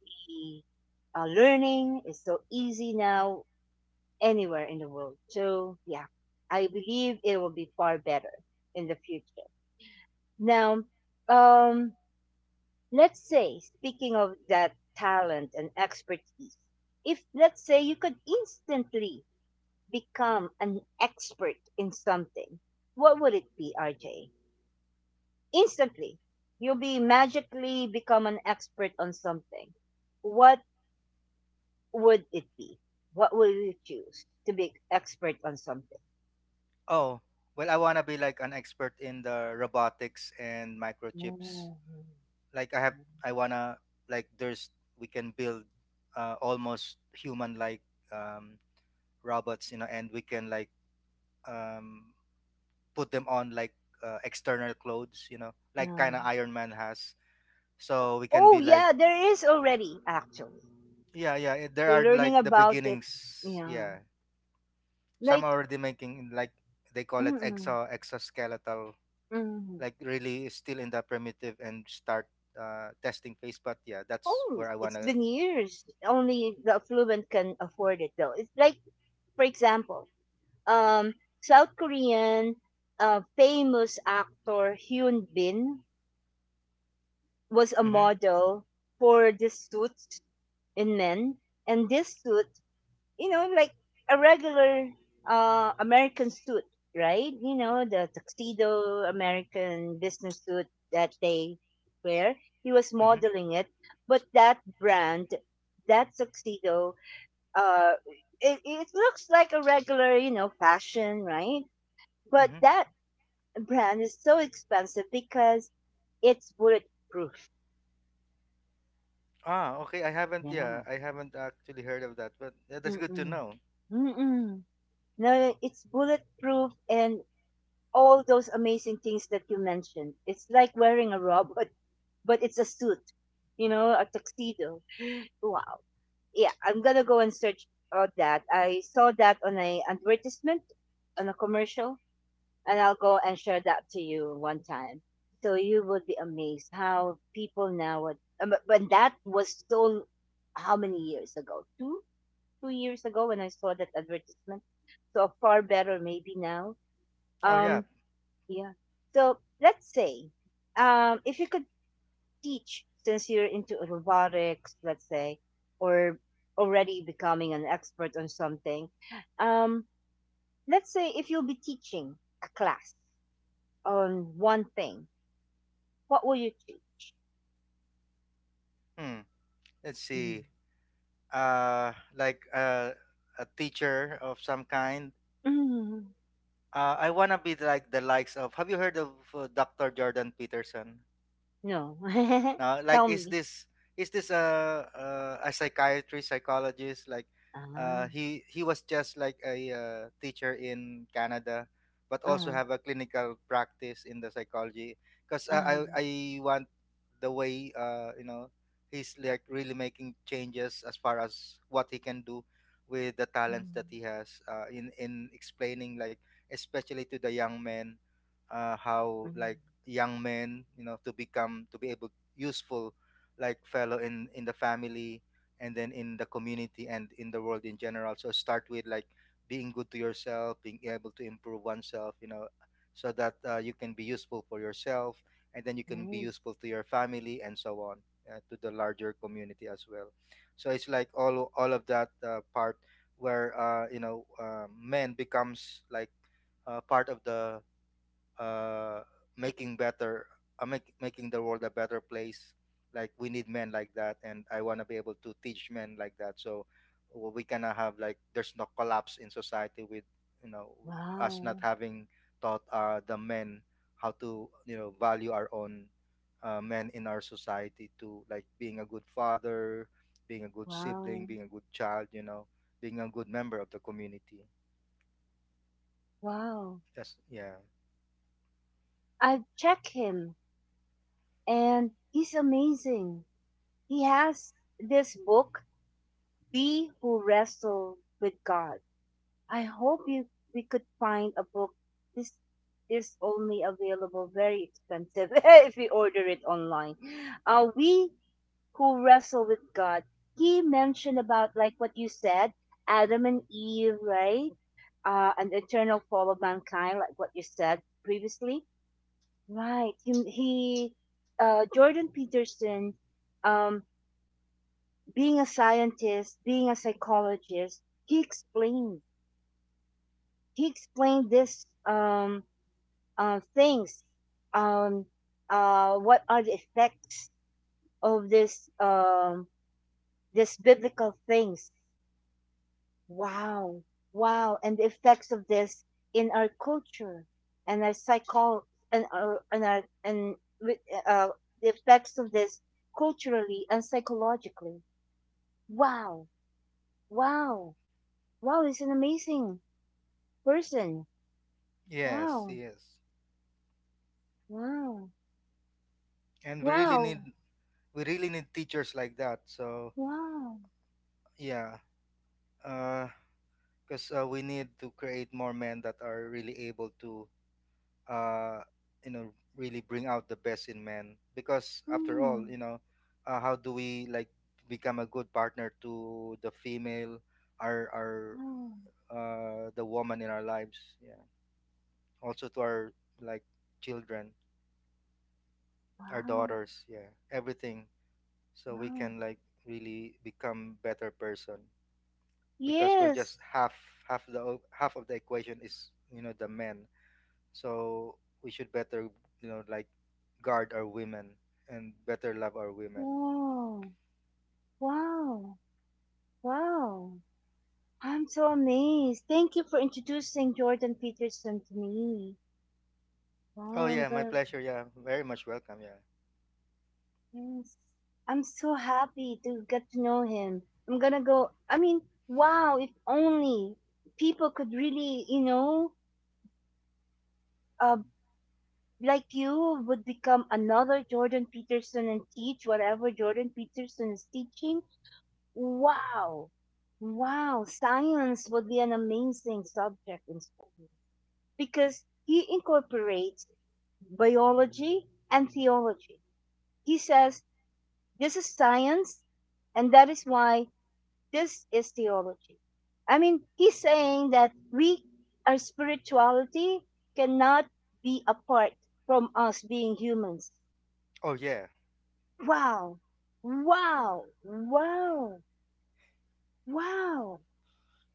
Speaker 1: the uh, learning is so easy now anywhere in the world. So yeah, I believe it will be far better in the future. Now, um, let's say, speaking of that talent and expertise, if let's say you could instantly become an expert in something, what would it be, R J? Instantly, you'll be magically become an expert on something. What would it be? What will you choose to be expert on something?
Speaker 2: Oh, well, I wanna be like an expert in the robotics and microchips.
Speaker 1: Mm.
Speaker 2: Like I have, I wanna, like there's, we can build uh, almost human like um, robots, you know, and we can like um, put them on like uh, external clothes, you know, like kind of
Speaker 1: Um,
Speaker 2: Iron Man has, so we can be
Speaker 1: oh
Speaker 2: like,
Speaker 1: yeah, there is already actually.
Speaker 2: yeah, yeah, it- there
Speaker 1: So
Speaker 2: are
Speaker 1: learning
Speaker 2: like the
Speaker 1: about it,
Speaker 2: beginnings,
Speaker 1: yeah,
Speaker 2: yeah, some are
Speaker 1: like
Speaker 2: already making like, they call it exo exoskeletal,
Speaker 1: mm.
Speaker 2: like really still in the primitive and start uh, testing phase, but yeah, that's
Speaker 1: Oh,
Speaker 2: where I want
Speaker 1: it's
Speaker 2: to.
Speaker 1: been years. Only the affluent can afford it, though. It's like, for example, um, South Korean uh, famous actor Hyun Bin was a
Speaker 2: Mm-hmm,
Speaker 1: model for this suit in men, and this suit you know, like a regular uh, American suit, right? You know, the tuxedo American business suit that they wear. He was
Speaker 2: mm-hmm.
Speaker 1: modeling it, but that brand, that tuxedo, uh, it, it looks like a regular, you know, fashion, right? But that brand is so expensive because it's bulletproof.
Speaker 2: Ah, okay. I haven't, yeah,
Speaker 1: Yeah.
Speaker 2: I haven't actually heard of that, but yeah, that's good to
Speaker 1: Mm-mm.
Speaker 2: know.
Speaker 1: Mm-mm. No, it's bulletproof and all those amazing things that you mentioned. It's like wearing a robot, but it's a suit, you know, a tuxedo. Wow. Yeah, I'm gonna go and search uh, that. I saw that on a advertisement, on a commercial, and I'll go and share that to you one time. So you would be amazed how people now would. um, But but that was so how many years ago? Two, two years ago when I saw that advertisement. So far better maybe now.
Speaker 2: Oh, yeah.
Speaker 1: Um, yeah. So let's say, um, if you could teach, since you're into robotics, let's say, or already becoming an expert on something, um, let's say if you'll be teaching a class on one thing, what will you teach?
Speaker 2: Hmm. Let's
Speaker 1: Mhm.
Speaker 2: see. Uh, like uh, a teacher of some kind.
Speaker 1: Mm,
Speaker 2: Uh, I wanna be like the likes of. Have you heard of uh, doctor Jordan Peterson?
Speaker 1: no.
Speaker 2: Now like
Speaker 1: Tell
Speaker 2: is
Speaker 1: me.
Speaker 2: this is this a a, a psychiatrist, psychologist, like
Speaker 1: Ah,
Speaker 2: uh, he he was just like a uh, teacher in Canada but also
Speaker 1: ah,
Speaker 2: have a clinical practice in the psychology, because I,
Speaker 1: ah,
Speaker 2: I I want the way uh, you know he's like really making changes as far as what he can do with the talents that
Speaker 1: mm,
Speaker 2: he has uh, in in explaining like, especially to the young men, uh, how
Speaker 1: mm.
Speaker 2: like young men, you know, to become, to be able useful, like fellow in in the family and then in the community and in the world in general, so start with like being good to yourself, being able to improve oneself, you know, so that uh, you can be useful for yourself, and then you can be
Speaker 1: Nice.
Speaker 2: useful to your family, and so on, uh, to the larger community as well. So it's like all all of that uh, part where uh, you know uh, men becomes like uh, part of the uh, making better, uh, make, making the world a better place. Like we need men like that, and I want to be able to teach men like that. So w- we cannot have like there's no collapse in society with you know us not
Speaker 1: Wow.
Speaker 2: having taught uh, the men how to you know value our own uh, men in our society, to like being a good father, being a good sibling,
Speaker 1: Wow.
Speaker 2: being a good child. You know, being a good member of the community.
Speaker 1: Wow.
Speaker 2: That's yeah.
Speaker 1: I've checked him. And he's amazing. He has this book, We Who Wrestle with God. I hope you we could find a book. This is only available very expensive if we order it online. Uh, We Who Wrestle with God. He mentioned about like what you said, Adam and Eve, right? Uh, an eternal fall of mankind, like what you said previously. Right. He, he uh, Jordan Peterson, um, being a scientist, being a psychologist, he explained he explained this um, uh, things, um, uh, what are the effects of this um, this biblical things. Wow. Wow. And the effects of this in our culture and our psycho and our and our and with, uh, the effects of this culturally and psychologically. Wow. Wow. Wow. He's an amazing person.
Speaker 2: Yes,
Speaker 1: Wow.
Speaker 2: yes.
Speaker 1: Wow.
Speaker 2: And we really need,
Speaker 1: Wow.
Speaker 2: we really need teachers like that. So
Speaker 1: Wow.
Speaker 2: yeah, because uh, uh, we need to create more men that are really able to, uh, you know, really bring out the best in men. Because after all,
Speaker 1: Mm.
Speaker 2: you know, uh, how do we like become a good partner to the female, our our
Speaker 1: Wow.
Speaker 2: uh, the woman in our lives? Yeah, also to our like children, our
Speaker 1: Wow.
Speaker 2: daughters. Yeah, everything. So we
Speaker 1: Wow.
Speaker 2: can like really become better person. Because we're
Speaker 1: Yes.
Speaker 2: just half half the half of the equation is you know the men. So we should better you know like guard our women and better love our women.
Speaker 1: Wow. Wow. Wow. I'm so amazed. Thank you for introducing Jordan Peterson to me.
Speaker 2: Oh yeah,
Speaker 1: Wow,
Speaker 2: my
Speaker 1: I'm gonna
Speaker 2: pleasure. Yeah, very much welcome. Yeah.
Speaker 1: yes. I'm so happy to get to know him. I'm gonna go I mean, wow, if only people could really, you know, uh like you would become another Jordan Peterson and teach whatever Jordan Peterson is teaching. Wow. Wow, science would be an amazing subject in school because he incorporates biology and theology. He says this is science, and that is why this is theology. I mean, he's saying that we, our spirituality, cannot be apart from us being humans.
Speaker 2: Oh yeah.
Speaker 1: Wow, wow, wow, wow,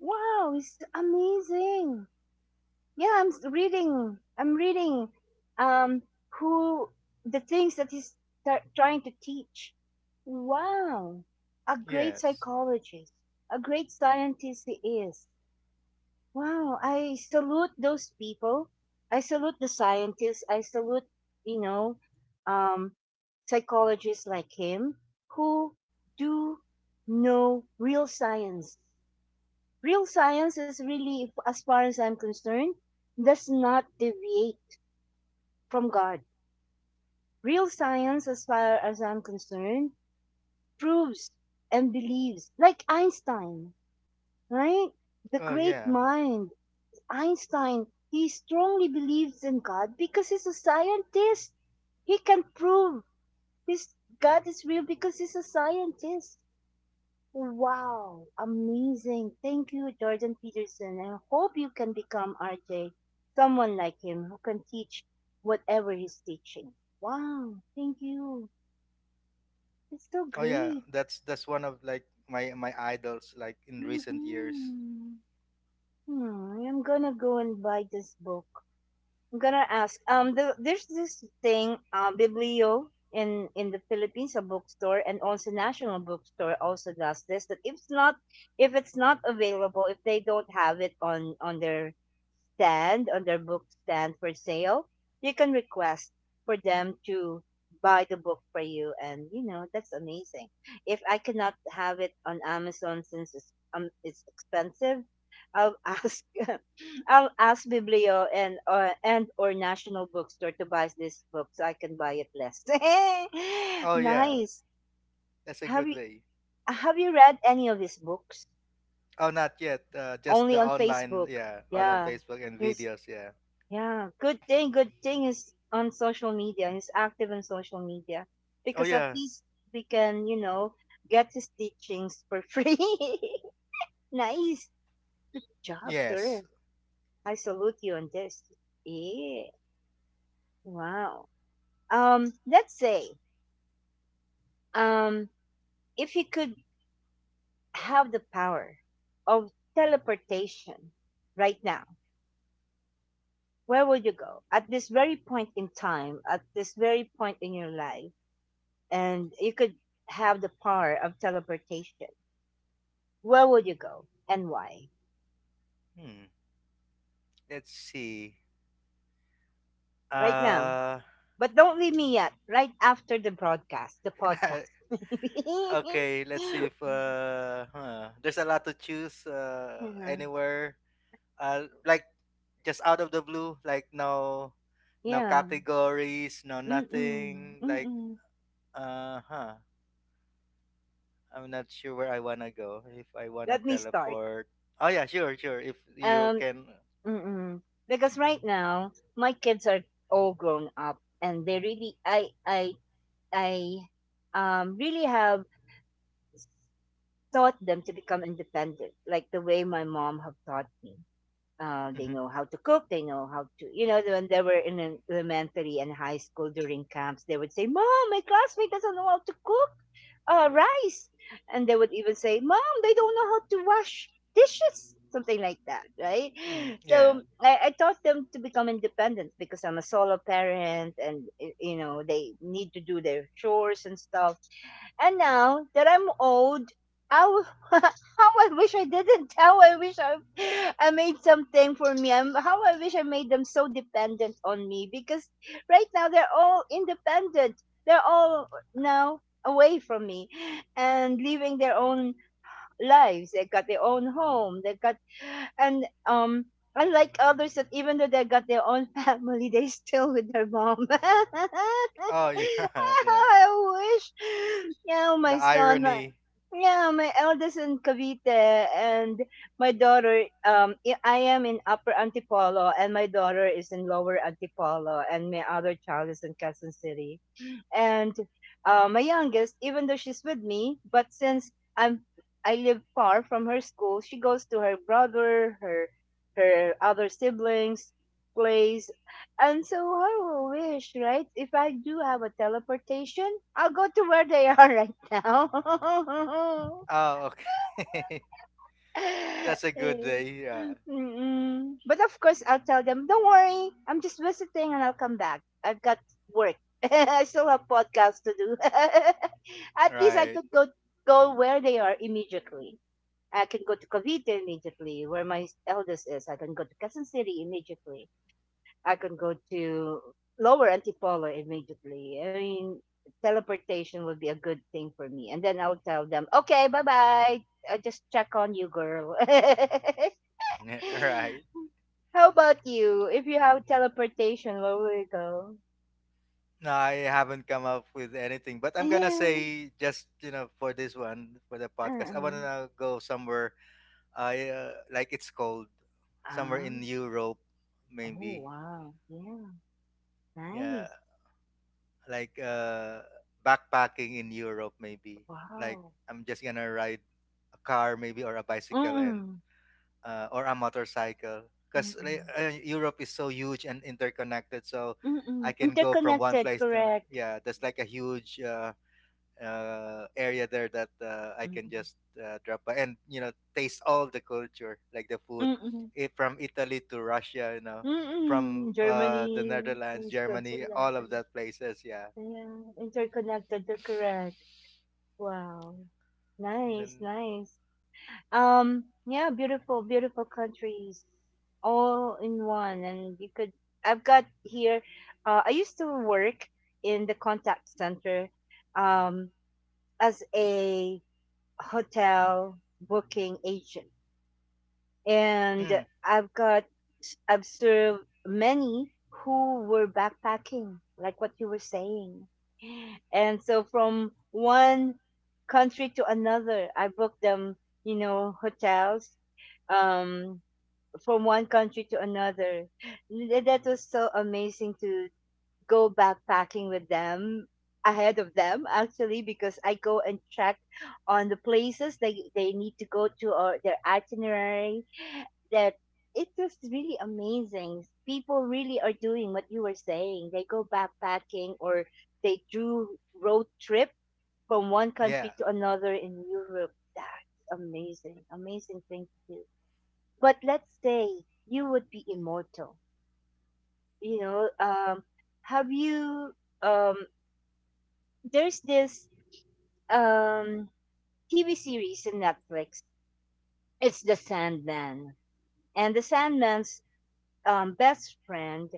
Speaker 1: wow, it's amazing. Yeah i'm s- reading I'm reading um who the things that he's tar- trying to teach. Wow, a great
Speaker 2: Yes.
Speaker 1: psychologist, a great scientist he is. Wow, I salute those people, I salute the scientists, I salute you know um psychologists like him who do know real science. Real science is really, as far as I'm concerned, does not deviate from God. Real science, as far as I'm concerned, proves and believes, like Einstein, right? The
Speaker 2: Oh
Speaker 1: great
Speaker 2: yeah.
Speaker 1: mind, Einstein, he strongly believes in God because he's a scientist. He can prove his God is real because he's a scientist. Wow, amazing. Thank you, Jordan Peterson. I hope you can become R J, someone like him who can teach whatever he's teaching. Wow, thank you. It's so
Speaker 2: Oh yeah,
Speaker 1: great.
Speaker 2: that's that's one of like my my idols like in recent years.
Speaker 1: Mm-mm. Hmm, I'm gonna go and buy this book. I'm gonna ask. Um, the, there's this thing, uh, Biblio in in the Philippines, a bookstore, and also National Bookstore also does this. That if it's not if it's not available, if they don't have it on on their stand on their book stand for sale, you can request for them to buy the book for you. And, you know, that's amazing. If I cannot have it on Amazon since it's, um, it's expensive, I'll ask I'll ask Biblio and or and or National Bookstore to buy this book so I can buy it less.
Speaker 2: Oh yeah,
Speaker 1: Nice.
Speaker 2: that's a
Speaker 1: Have
Speaker 2: good
Speaker 1: you
Speaker 2: way.
Speaker 1: have you read any of these books?
Speaker 2: Oh, not yet. Uh, just the
Speaker 1: Only on
Speaker 2: online.
Speaker 1: Facebook.
Speaker 2: Yeah, online
Speaker 1: Yeah.
Speaker 2: Facebook and
Speaker 1: Here's
Speaker 2: videos. Yeah.
Speaker 1: Yeah, good thing, good thing is on social media. He's active on social media
Speaker 2: Oh
Speaker 1: because at
Speaker 2: yeah.
Speaker 1: least we can, you know, get his teachings for free. Nice job, sir.
Speaker 2: Yes.
Speaker 1: I salute you on this. Yeah, wow. Um, let's say, um, if you could have the power of teleportation right now, where would you go? At this very point in time, at this very point in your life, and you could have the power of teleportation, where would you go and why?
Speaker 2: Hmm, let's see.
Speaker 1: Right now.
Speaker 2: Uh,
Speaker 1: But don't leave me yet. Right after the broadcast, the podcast.
Speaker 2: okay, let's see if uh, huh, there's a lot to choose uh,
Speaker 1: Yeah.
Speaker 2: anywhere. Uh, like just out of the blue, like no, no
Speaker 1: Yeah.
Speaker 2: categories, no
Speaker 1: Mm-mm.
Speaker 2: nothing. Like
Speaker 1: Mm-mm.
Speaker 2: uh, huh. I'm not sure where I wanna go if I wanna
Speaker 1: Let me start.
Speaker 2: teleport. Oh yeah, sure, sure. If you
Speaker 1: Um,
Speaker 2: can.
Speaker 1: mm-mm. Because right now, my kids are all grown up, and they really, I, I, I, um, really have taught them to become independent, like the way my mom have taught me. Uh, they
Speaker 2: Mhm.
Speaker 1: know how to cook. They know how to, you know, when they were in an elementary and high school during camps, they would say, Mom, my classmate doesn't know how to cook uh, rice. And they would even say, Mom, they don't know how to wash dishes, something like that, right?
Speaker 2: Mm, yeah.
Speaker 1: So I, I taught them to become independent because I'm a solo parent and, y- you know, they need to do their chores and stuff. And now that I'm old, I w- how I wish I didn't. How I wish I, I made something for me. I'm, how I wish I made them so dependent on me, because right now they're all independent. They're all now away from me and living their own lives. They've got their own home. They've got, and um, Unlike others that, even though they got their own family, they still with their mom. I
Speaker 2: Oh yeah, yeah.
Speaker 1: wish. Yeah, my
Speaker 2: The
Speaker 1: son. my-
Speaker 2: irony.
Speaker 1: yeah, my eldest in Cavite and my daughter. Um, I I am in Upper Antipolo, and my daughter is in Lower Antipolo, and my other child is in Quezon City, and uh, my youngest, even though she's with me, but since I'm I live far from her school, she goes to her brother, her her other siblings' place, and so I will wish, right? If I do have a teleportation, I'll go to where they are right now.
Speaker 2: Oh, okay. That's a good
Speaker 1: Eh,
Speaker 2: day. Yeah.
Speaker 1: mm. But of course, I'll tell them, don't worry, I'm just visiting and I'll come back. I've got work. I still have podcasts to do. At least I
Speaker 2: Right.
Speaker 1: could go go where they are immediately. I can go to Cavite immediately, where my eldest is. I can go to Quezon City immediately. I can go to Lower Antipolo immediately. I mean, teleportation would be a good thing for me. And then I'll tell them, okay, bye bye. I just check on you, girl.
Speaker 2: Right.
Speaker 1: How about you? If you have teleportation, where will you go?
Speaker 2: No, I haven't come up with anything, but I'm gonna
Speaker 1: Yeah.
Speaker 2: say, just you know for this one, for the podcast, I
Speaker 1: uh
Speaker 2: wanna go somewhere. I uh, yeah, like it's cold, somewhere
Speaker 1: Ah.
Speaker 2: in Europe,
Speaker 1: Oh,
Speaker 2: maybe.
Speaker 1: wow. Yeah.
Speaker 2: Yeah,
Speaker 1: Nice.
Speaker 2: like uh, backpacking in Europe, maybe. Like
Speaker 1: Wow.
Speaker 2: I'm just gonna ride a car, maybe, or a bicycle, and
Speaker 1: Mm-mm.
Speaker 2: uh, or a motorcycle, because
Speaker 1: Mm-mm.
Speaker 2: uh, Europe is so huge and interconnected. So I
Speaker 1: Mm-mm.
Speaker 2: can go from one
Speaker 1: Interconnected,
Speaker 2: place to another.
Speaker 1: correct.
Speaker 2: Yeah, there's like a huge Uh, uh, area there that uh, I can
Speaker 1: Mm-mm.
Speaker 2: just uh, drop by and you know taste all the culture, like the food,
Speaker 1: Mm-mm.
Speaker 2: it, from Italy to Russia, you know, from
Speaker 1: Mm,
Speaker 2: uh, the
Speaker 1: Germany,
Speaker 2: Netherlands,
Speaker 1: mm,
Speaker 2: Germany, all of
Speaker 1: Switzerland.
Speaker 2: that places. Yeah,
Speaker 1: Yeah, interconnected, you're correct. Wow.
Speaker 2: and
Speaker 1: Nice,
Speaker 2: then.
Speaker 1: nice. Um, yeah, beautiful, beautiful countries all in one. And you could, I've got here, uh, I used to work in the contact center, um, as a hotel booking agent, and
Speaker 2: Mm,
Speaker 1: I've got I've served many who were backpacking, like what you were saying. And so from one country to another, I booked them, you know, hotels, um, from one country to another. Th- That was so amazing, to go backpacking with them ahead of them, actually, because I go and check on the places they, they need to go to, or their itinerary, that it's just really amazing. People really are doing what you were saying. They go backpacking, or they do road trip from one country
Speaker 2: yeah.
Speaker 1: to another in Europe. That's amazing, amazing thing to do. But let's say you would be immortal. You know, um, have you? Um, there's this um T V series in Netflix. It's The Sandman, and The Sandman's um, best friend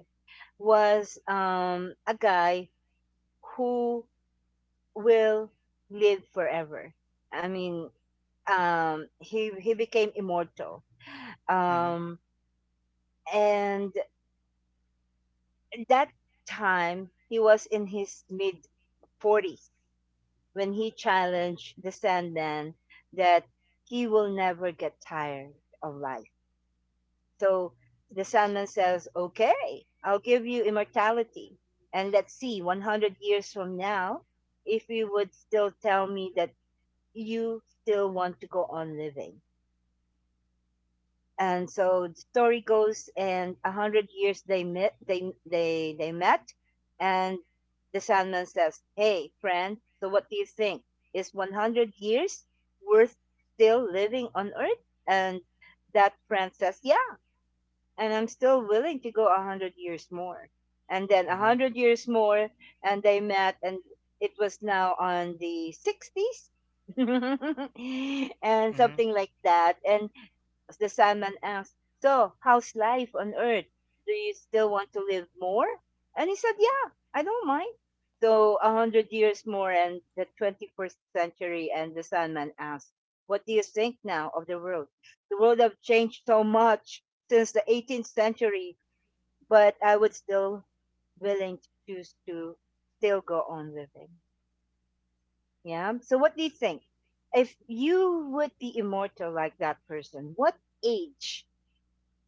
Speaker 1: was um, a guy who will live forever. I mean, um, he he became immortal.
Speaker 2: Mm-hmm,
Speaker 1: Um, and that time he was in his mid forties when he challenged the Sandman that he will never get tired of life. So the Sandman says, "Okay, I'll give you immortality. And let's see, one hundred years from now, if you would still tell me that you still want to go on living." And so the story goes, and a hundred years they met, they, they, they met, and the Sandman says, "Hey, friend, so what do you think? Is one hundred years worth still living on Earth?" And that friend says, "Yeah, and I'm still willing to go a hundred years more." And then a
Speaker 2: mm-hmm,
Speaker 1: hundred years more, and they met, and it was now on the sixties, and
Speaker 2: mm-hmm.
Speaker 1: something like that. And the Sandman asked, "So, how's life on Earth? Do you still want to live more?" And he said, "Yeah, I don't mind." So a hundred years more, and the twenty-first century, and the Sandman asked, "What do you think now of the world? The world have changed so much," since the eighteenth century, but I would still willing to choose to still go on living. Yeah. So what do you think? If you would be immortal like that person, what age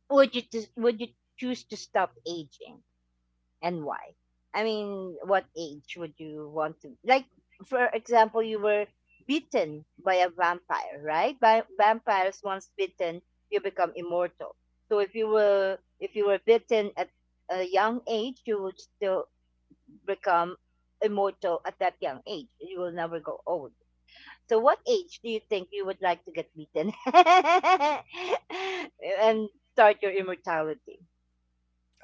Speaker 1: would you dis- would you choose to stop aging? And why? I mean, what age would you want to like? For example, you were bitten by a vampire, right? By vampires, once bitten, you become immortal. So if you were if you were bitten at a young age, you would still become immortal at that young age. You will never go old. So what age do you think you would like to get bitten and start your immortality?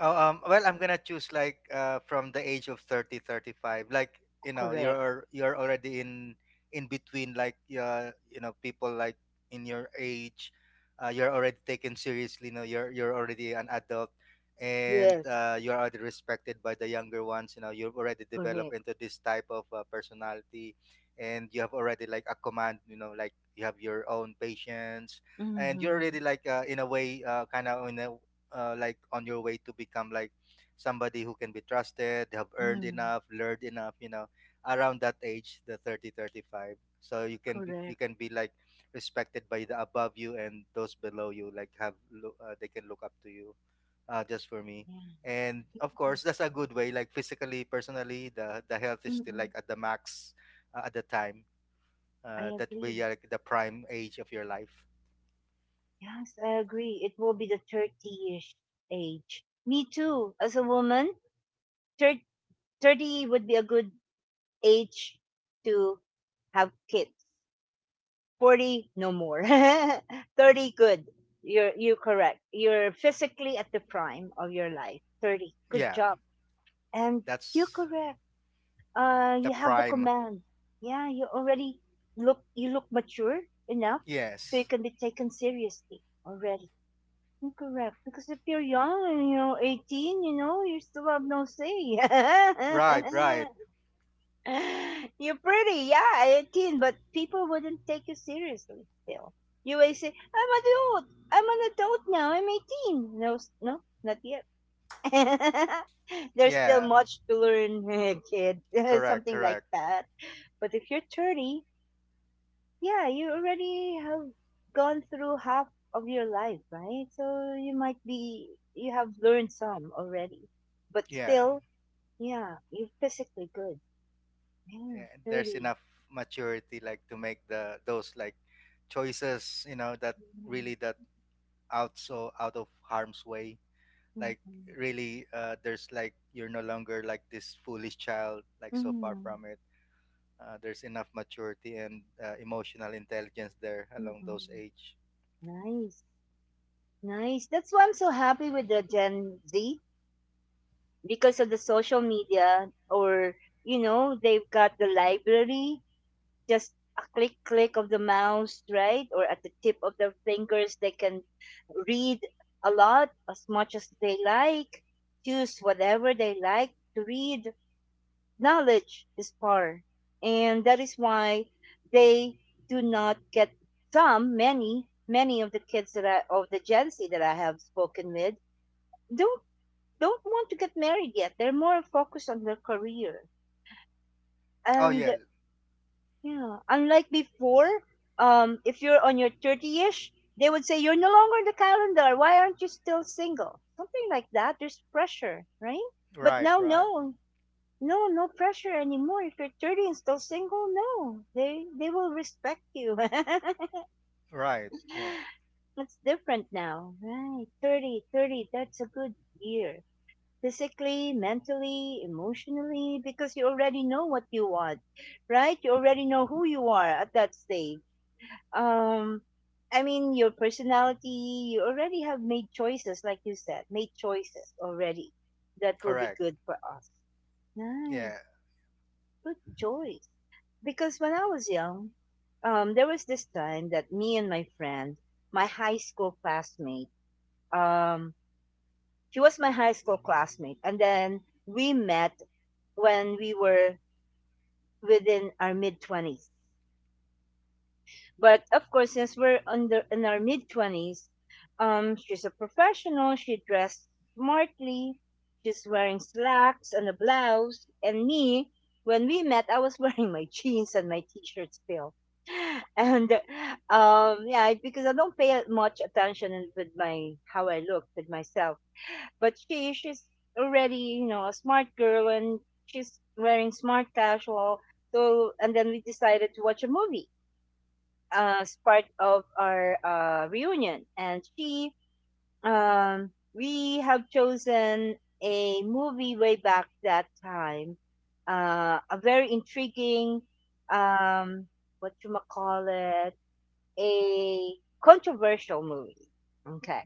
Speaker 2: Oh, um, well, I'm gonna choose like uh, from the age of thirty, thirty-five. Like you know,
Speaker 1: Correct.
Speaker 2: you're you're already in in between. Like uh, you know, people like in your age, uh, you're already taken seriously. You know, you're you're already an adult, and
Speaker 1: Yes.
Speaker 2: uh, you're already respected by the younger ones. You know, you've already
Speaker 1: Correct.
Speaker 2: developed into this type of uh, personality, and you have already like a command. You know, like you have your own patience. And
Speaker 1: Mm-hmm.
Speaker 2: you're already like uh, in a way, uh, kind of in a uh, like on your way to become like somebody who can be trusted, have earned
Speaker 1: Mm,
Speaker 2: enough, learned enough, you know around that age, the thirty, thirty-five, so you can be
Speaker 1: correct.
Speaker 2: you can be like respected by the above you and those below you, like have lo- uh, they can look up to you, uh, just for me.
Speaker 1: Yeah.
Speaker 2: And of
Speaker 1: Yeah.
Speaker 2: course, that's a good way, like physically, personally, the the health is still
Speaker 1: Mm-mm.
Speaker 2: like at the max uh, at the time
Speaker 1: I
Speaker 2: uh, that
Speaker 1: agree.
Speaker 2: we are like the prime age of your life.
Speaker 1: Yes, I agree. It will be the thirty-ish age. Me too. As a woman, thir- thirty would be a good age to have kids. forty, no more. thirty, good. You're, you're correct. You're physically at the prime of your life. thirty, good
Speaker 2: Yeah,
Speaker 1: job. And you're
Speaker 2: that's
Speaker 1: correct. Uh
Speaker 2: the
Speaker 1: you have the
Speaker 2: prime.
Speaker 1: command. Yeah, you already look you look mature enough, so you
Speaker 2: Yes.
Speaker 1: can be taken seriously already. Correct. Because if you're young, you know eighteen, you know you still have no say.
Speaker 2: Right, right.
Speaker 1: You're pretty, yeah, eighteen, but people wouldn't take you seriously still. You always say, i'm adult I'm an adult now. I'm eighteen. No, s- no, not yet. There's still
Speaker 2: Yeah,
Speaker 1: much to learn, kid.
Speaker 2: correct,
Speaker 1: Something like
Speaker 2: correct.
Speaker 1: that. But if you're thirty, yeah, you already have gone through half of your life, right? So you might be, you have learned some already. But
Speaker 2: Yeah,
Speaker 1: still, yeah, you're physically good. Yeah,
Speaker 2: yeah. There's
Speaker 1: thirty.
Speaker 2: enough maturity, like to make the those like choices, you know, that
Speaker 1: Mm,
Speaker 2: really, that out, so out of harm's way. Like
Speaker 1: mm,
Speaker 2: really, uh, there's like you're no longer like this foolish child, like so far
Speaker 1: mm,
Speaker 2: from it. Uh, there's enough maturity and uh, emotional intelligence there
Speaker 1: mm,
Speaker 2: along those
Speaker 1: mm.
Speaker 2: age.
Speaker 1: Nice, nice. That's why I'm so happy with the Gen Z, because of the social media, or, you know, they've got the library, just a click click of the mouse, right, or at the tip of their fingers, they can read a lot, as much as they like, choose whatever they like to read. Knowledge is power, and that is why they do not get some. Many, many of the kids that I, of the Gen Z that I have spoken with, don't don't want to get married yet. They're more focused on their career,
Speaker 2: Oh
Speaker 1: and—
Speaker 2: yeah,
Speaker 1: Yeah, unlike before, um, if you're on your thirty-ish, they would say you're no longer in the calendar. Why aren't you still single? Something like that. There's pressure, right? But
Speaker 2: right,
Speaker 1: now,
Speaker 2: right,
Speaker 1: no, no, no pressure anymore. If you're thirty and still single, no, they they will respect you.
Speaker 2: right. Yeah,
Speaker 1: It's different now, right? Thirty, thirty. That's a good year, physically, mentally, emotionally, because you already know what you want, right? You already know who you are at that stage. um I mean, your personality, you already have made choices, like you said, made choices already that will be
Speaker 2: correct.
Speaker 1: good for us. Nice,
Speaker 2: Yeah.
Speaker 1: good choice. Because when I was young, um there was this time that me and my friend, my high school classmate, um she was my high school classmate, and then we met when we were within our mid twenties. But of course, since we're under in our mid twenties, um, she's a professional. She dressed smartly. She's wearing slacks and a blouse. And me, when we met, I was wearing my jeans and my t-shirt still. And um, yeah, because I don't pay much attention in- with my how I look with myself. But she, she's already you know a smart girl, and she's wearing smart casual. So and then we decided to watch a movie uh, as part of our uh, reunion, and she um, we have chosen a movie way back that time, uh, a very intriguing, um, what you call it, a controversial movie. Okay,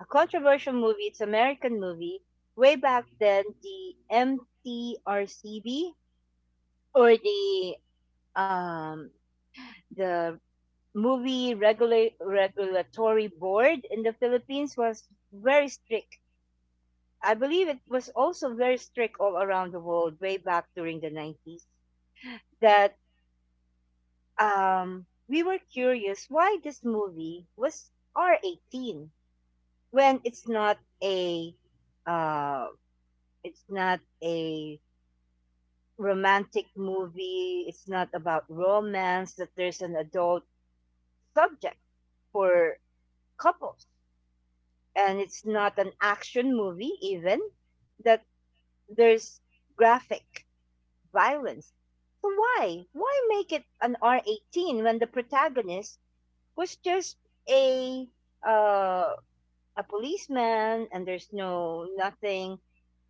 Speaker 1: a controversial movie. It's American movie. Way back then, the M T R C B or the um, the movie regula- regulatory board in the Philippines was very strict. I believe it was also very strict all around the world way back during the nineties. That um, We were curious why this movie was R eighteen when it's not a uh, it's not a romantic movie. It's not about romance that there's an adult subject for couples, and it's not an action movie even that there's graphic violence. So why why make it an R eighteen when the protagonist was just a uh a policeman and there's no nothing,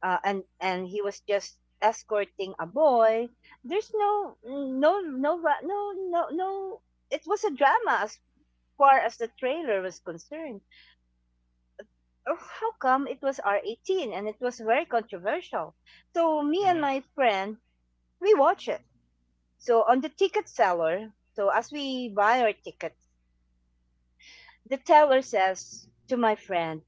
Speaker 1: uh, and and he was just escorting a boy? There's no no no ra- no no no it was a drama as far as the trailer was concerned. Oh, how come it was R eighteen and it was very controversial? So me and
Speaker 2: Mm-hmm.
Speaker 1: my friend, we watch it. So on the ticket seller, so as we buy our tickets, the teller says to my friend,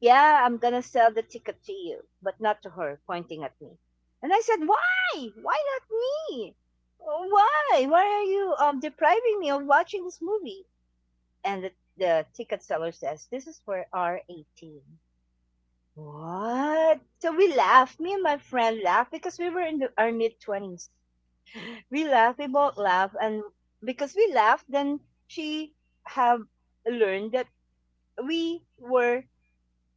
Speaker 1: yeah, I'm gonna sell the ticket to you, but not to her, pointing at me. And I said, why? Why not me? Why? Why are you um, depriving me of watching this movie? And the, the ticket seller says, this is for r eighteen." What? So we laughed. Me and my friend laughed because we were in the, our mid twenties. We laughed. We both laughed, and because we laughed, then she have learned that we were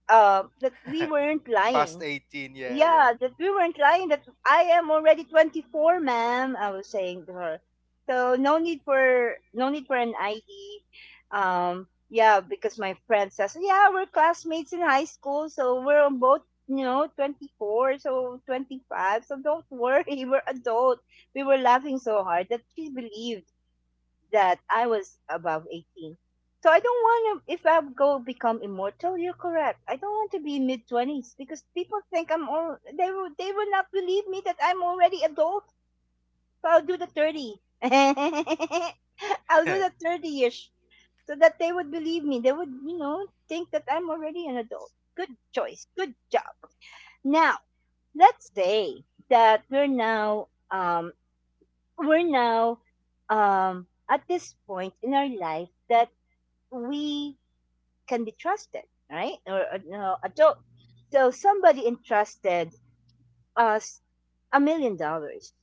Speaker 1: uh that we weren't
Speaker 2: Past
Speaker 1: lying.
Speaker 2: eighteen. Yeah, yeah.
Speaker 1: Yeah, that we weren't lying. That I am already twenty-four, ma'am. I was saying to her. So no need for no need for an I D. Um, yeah, because my friend says, yeah, we're classmates in high school, so we're on both, you know, twenty-four, so twenty-five. So don't worry, we're adult. We were laughing so hard that she believed that I was above eighteen. So I don't want to, if I go become immortal, you're correct. I don't want to be mid twenties because people think I'm all, they will, they will not believe me that I'm already adult. So I'll do the thirty. I'll do the thirty ish so that they would believe me. They would, you know, think that I'm already an adult. Good choice. Good job. Now, let's say that we're now, um, we're now, um, at this point in our life that we can be trusted, right? Or uh, you know, adult. So somebody entrusted us a million dollars,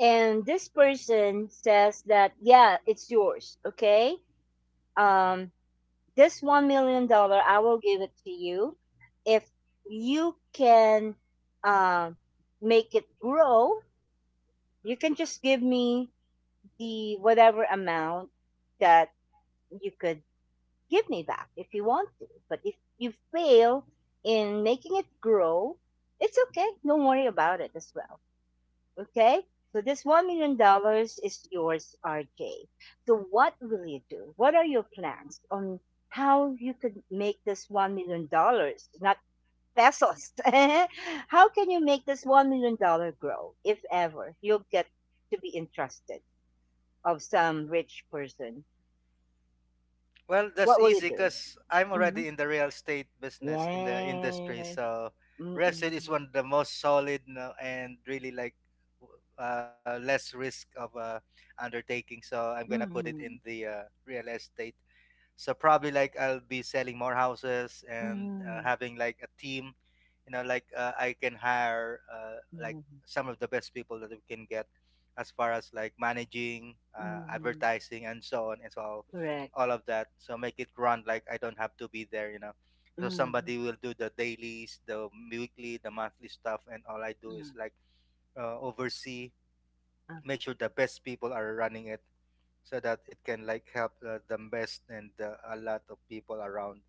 Speaker 1: and this person says that, yeah, it's yours, okay? Um, this one million dollar, I will give it to you if you can um make it grow. You can just give me the whatever amount that you could give me that if you want to. But if you fail in making it grow, it's okay. Don't worry about it as well. Okay? So this one million dollars is yours, R J. So what will you do? What are your plans on how you could make this one million dollars, not pesos? How can you make this one million dollar grow, if ever you'll get to be entrusted of some rich person?
Speaker 2: Well, that's
Speaker 1: What will you
Speaker 2: easy
Speaker 1: do?
Speaker 2: because I'm
Speaker 1: Mm-hmm.
Speaker 2: already in the real estate business, in the industry.
Speaker 1: Yes.
Speaker 2: So real estate is
Speaker 1: Mm-mm.
Speaker 2: one of the most solid, no- and really like w- uh, less risk of uh, undertaking. So I'm gonna put it in
Speaker 1: Mm-mm.
Speaker 2: the uh, real estate. So probably, like I'll be selling more houses and uh,
Speaker 1: Mm-mm.
Speaker 2: having like a team. You know, like uh, I can hire uh, like
Speaker 1: Mm-mm.
Speaker 2: some of the best people that we can get as far as like managing, uh,
Speaker 1: Mm-mm.
Speaker 2: advertising, and so on. It's all
Speaker 1: Correct.
Speaker 2: all of that. So make it run like I don't have to be there. You know, so
Speaker 1: Mm-mm.
Speaker 2: somebody will do the dailies, the weekly, the monthly stuff, and all I do is
Speaker 1: Mm.
Speaker 2: like uh, oversee,
Speaker 1: Ah.
Speaker 2: make sure the best people are running it, so that it can like help uh, the best and uh, a lot of people around,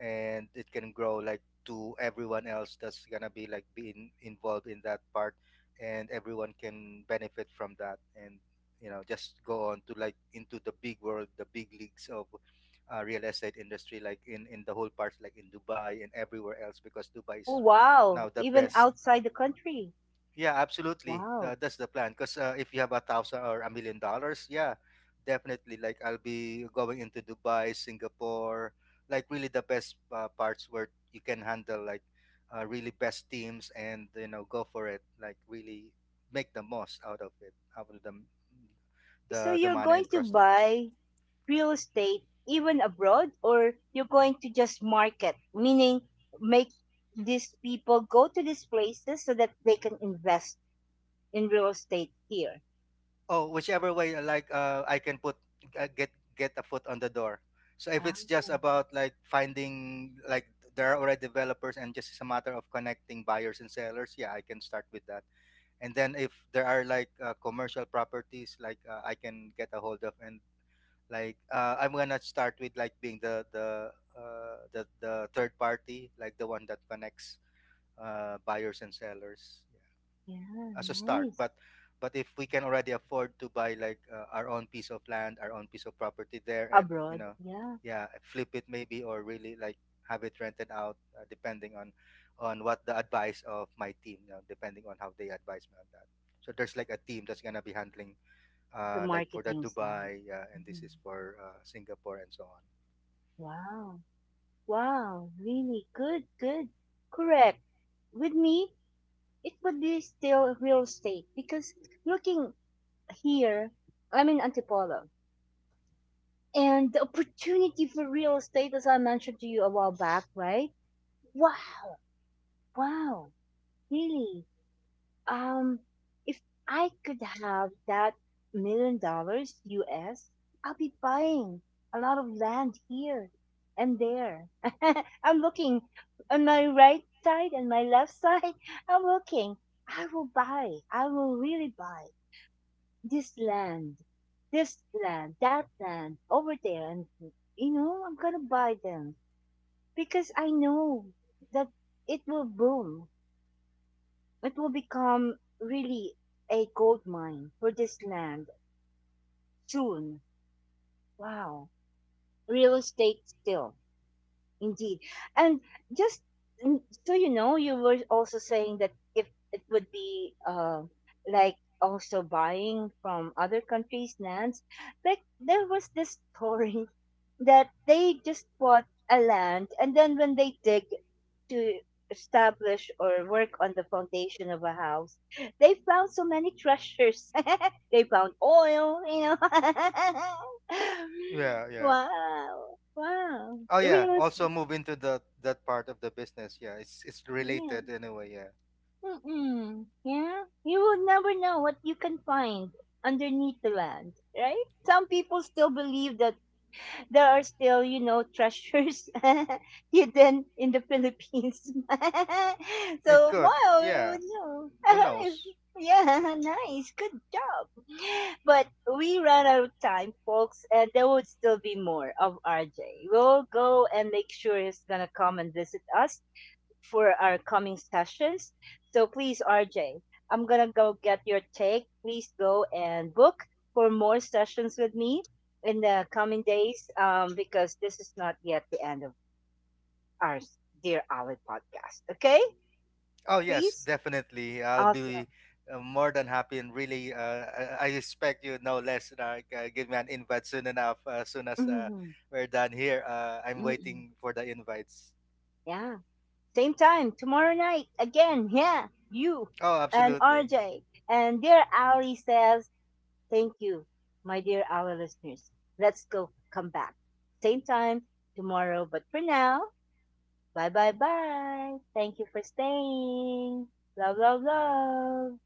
Speaker 2: and it can grow like to everyone else that's gonna be like being involved in that part, and everyone can benefit from that. And you know just go on to like into the big world, the big leagues of uh, real estate industry, like in in the whole parts, like in Dubai and everywhere else, because Dubai
Speaker 1: Oh,
Speaker 2: is
Speaker 1: wow.
Speaker 2: now the
Speaker 1: Even
Speaker 2: best.
Speaker 1: outside the country.
Speaker 2: Yeah, absolutely.
Speaker 1: Wow.
Speaker 2: Uh, that's the plan. Because uh, if you have a thousand or a million dollars, yeah, definitely. Like I'll be going into Dubai, Singapore, like really the best uh, parts where you can handle like uh, really best teams, and you know go for it. Like really make the most out of it, out of the
Speaker 1: So
Speaker 2: the the
Speaker 1: you're
Speaker 2: money
Speaker 1: going to
Speaker 2: entrusted.
Speaker 1: buy real estate even abroad, or you're going to just market, meaning make these people go to these places so that they can invest in real estate here?
Speaker 2: Oh, whichever way, uh, like uh, I can put, uh, get get a foot on the door. So if it's just
Speaker 1: Oh,
Speaker 2: about like finding, like, there are already developers and just it's a matter of connecting buyers and sellers, yeah, I can start with that. And then if there are like uh, commercial properties, like uh, I can get a hold of, and like uh, I'm gonna start with like being the the uh, the the third party, like the one that connects uh, buyers and sellers
Speaker 1: yeah.
Speaker 2: as a start,
Speaker 1: Nice.
Speaker 2: but but if we can already afford to buy like uh, our own piece of land, our own piece of property there, and you
Speaker 1: Abroad.
Speaker 2: know
Speaker 1: Yeah.
Speaker 2: yeah, flip it, maybe, or really like have it rented out, uh, depending on on what the advice of my team. You know, depending on how they advise me on that. So there's like a team that's going to be handling,
Speaker 1: The
Speaker 2: uh like for the
Speaker 1: marketing side.
Speaker 2: Dubai, uh, and this
Speaker 1: Mhm.
Speaker 2: is for uh, Singapore, and so on.
Speaker 1: Wow. Wow. Really good. Good. Correct. With me, it would be still real estate because looking here, I'm in Antipolo. And the opportunity for real estate, as I mentioned to you a while back, right? Wow. Wow. Really. Um, if I could have that million dollars U S, I'll be buying a lot of land here and there. I'm looking on my right side and my left side. I'm looking. I will buy. I will really buy this land, this land, that land over there. And, you know, I'm going to buy them because I know that it will boom. It will become really a gold mine for this land soon. Wow. Real estate still, indeed. And just mm, so you know, you were also saying that if it would be uh, like also buying from other countries' lands, like there was this story that they just bought a land, and then when they dig to establish or work on the foundation of a house, they found so many treasures. They found oil, you know.
Speaker 2: Yeah, yeah.
Speaker 1: Wow, wow.
Speaker 2: Oh
Speaker 1: It
Speaker 2: yeah,
Speaker 1: really
Speaker 2: also move into the that part of the business. Yeah, it's it's
Speaker 1: Yeah.
Speaker 2: related anyway. Yeah.
Speaker 1: Mm-mm. Yeah. You will never know what you can find underneath the land, right? Some people still believe that there are still, you know, treasures hidden in the Philippines.
Speaker 2: It
Speaker 1: So
Speaker 2: could.
Speaker 1: wow,
Speaker 2: Yeah,
Speaker 1: you know,
Speaker 2: who knows?
Speaker 1: yeah, nice, good job. But we ran out of time, folks, and there would still be more of R J. We'll go and make sure he's gonna come and visit us for our coming sessions. So please, R am going to go get your take. Please go and book for more sessions with me in the coming days, um, because this is not yet the end of our Dear Ali podcast. Okay?
Speaker 2: Oh yes,
Speaker 1: Please?
Speaker 2: definitely. I'll
Speaker 1: Awesome.
Speaker 2: be uh, more than happy and really, uh, I I expect you no less. Like, Uh, g- give me an invite soon enough. As soon as uh,
Speaker 1: Hmm.
Speaker 2: we're done here, uh, I'm
Speaker 1: Hmm.
Speaker 2: waiting for the invites.
Speaker 1: Yeah. Same time tomorrow night again. Yeah. You
Speaker 2: Oh,
Speaker 1: and
Speaker 2: absolutely.
Speaker 1: R J. And Dear Ali says, thank you, my dear our listeners. Let's go come back. Same time tomorrow, but for now, bye bye bye. Thank you for staying. Love, love, love.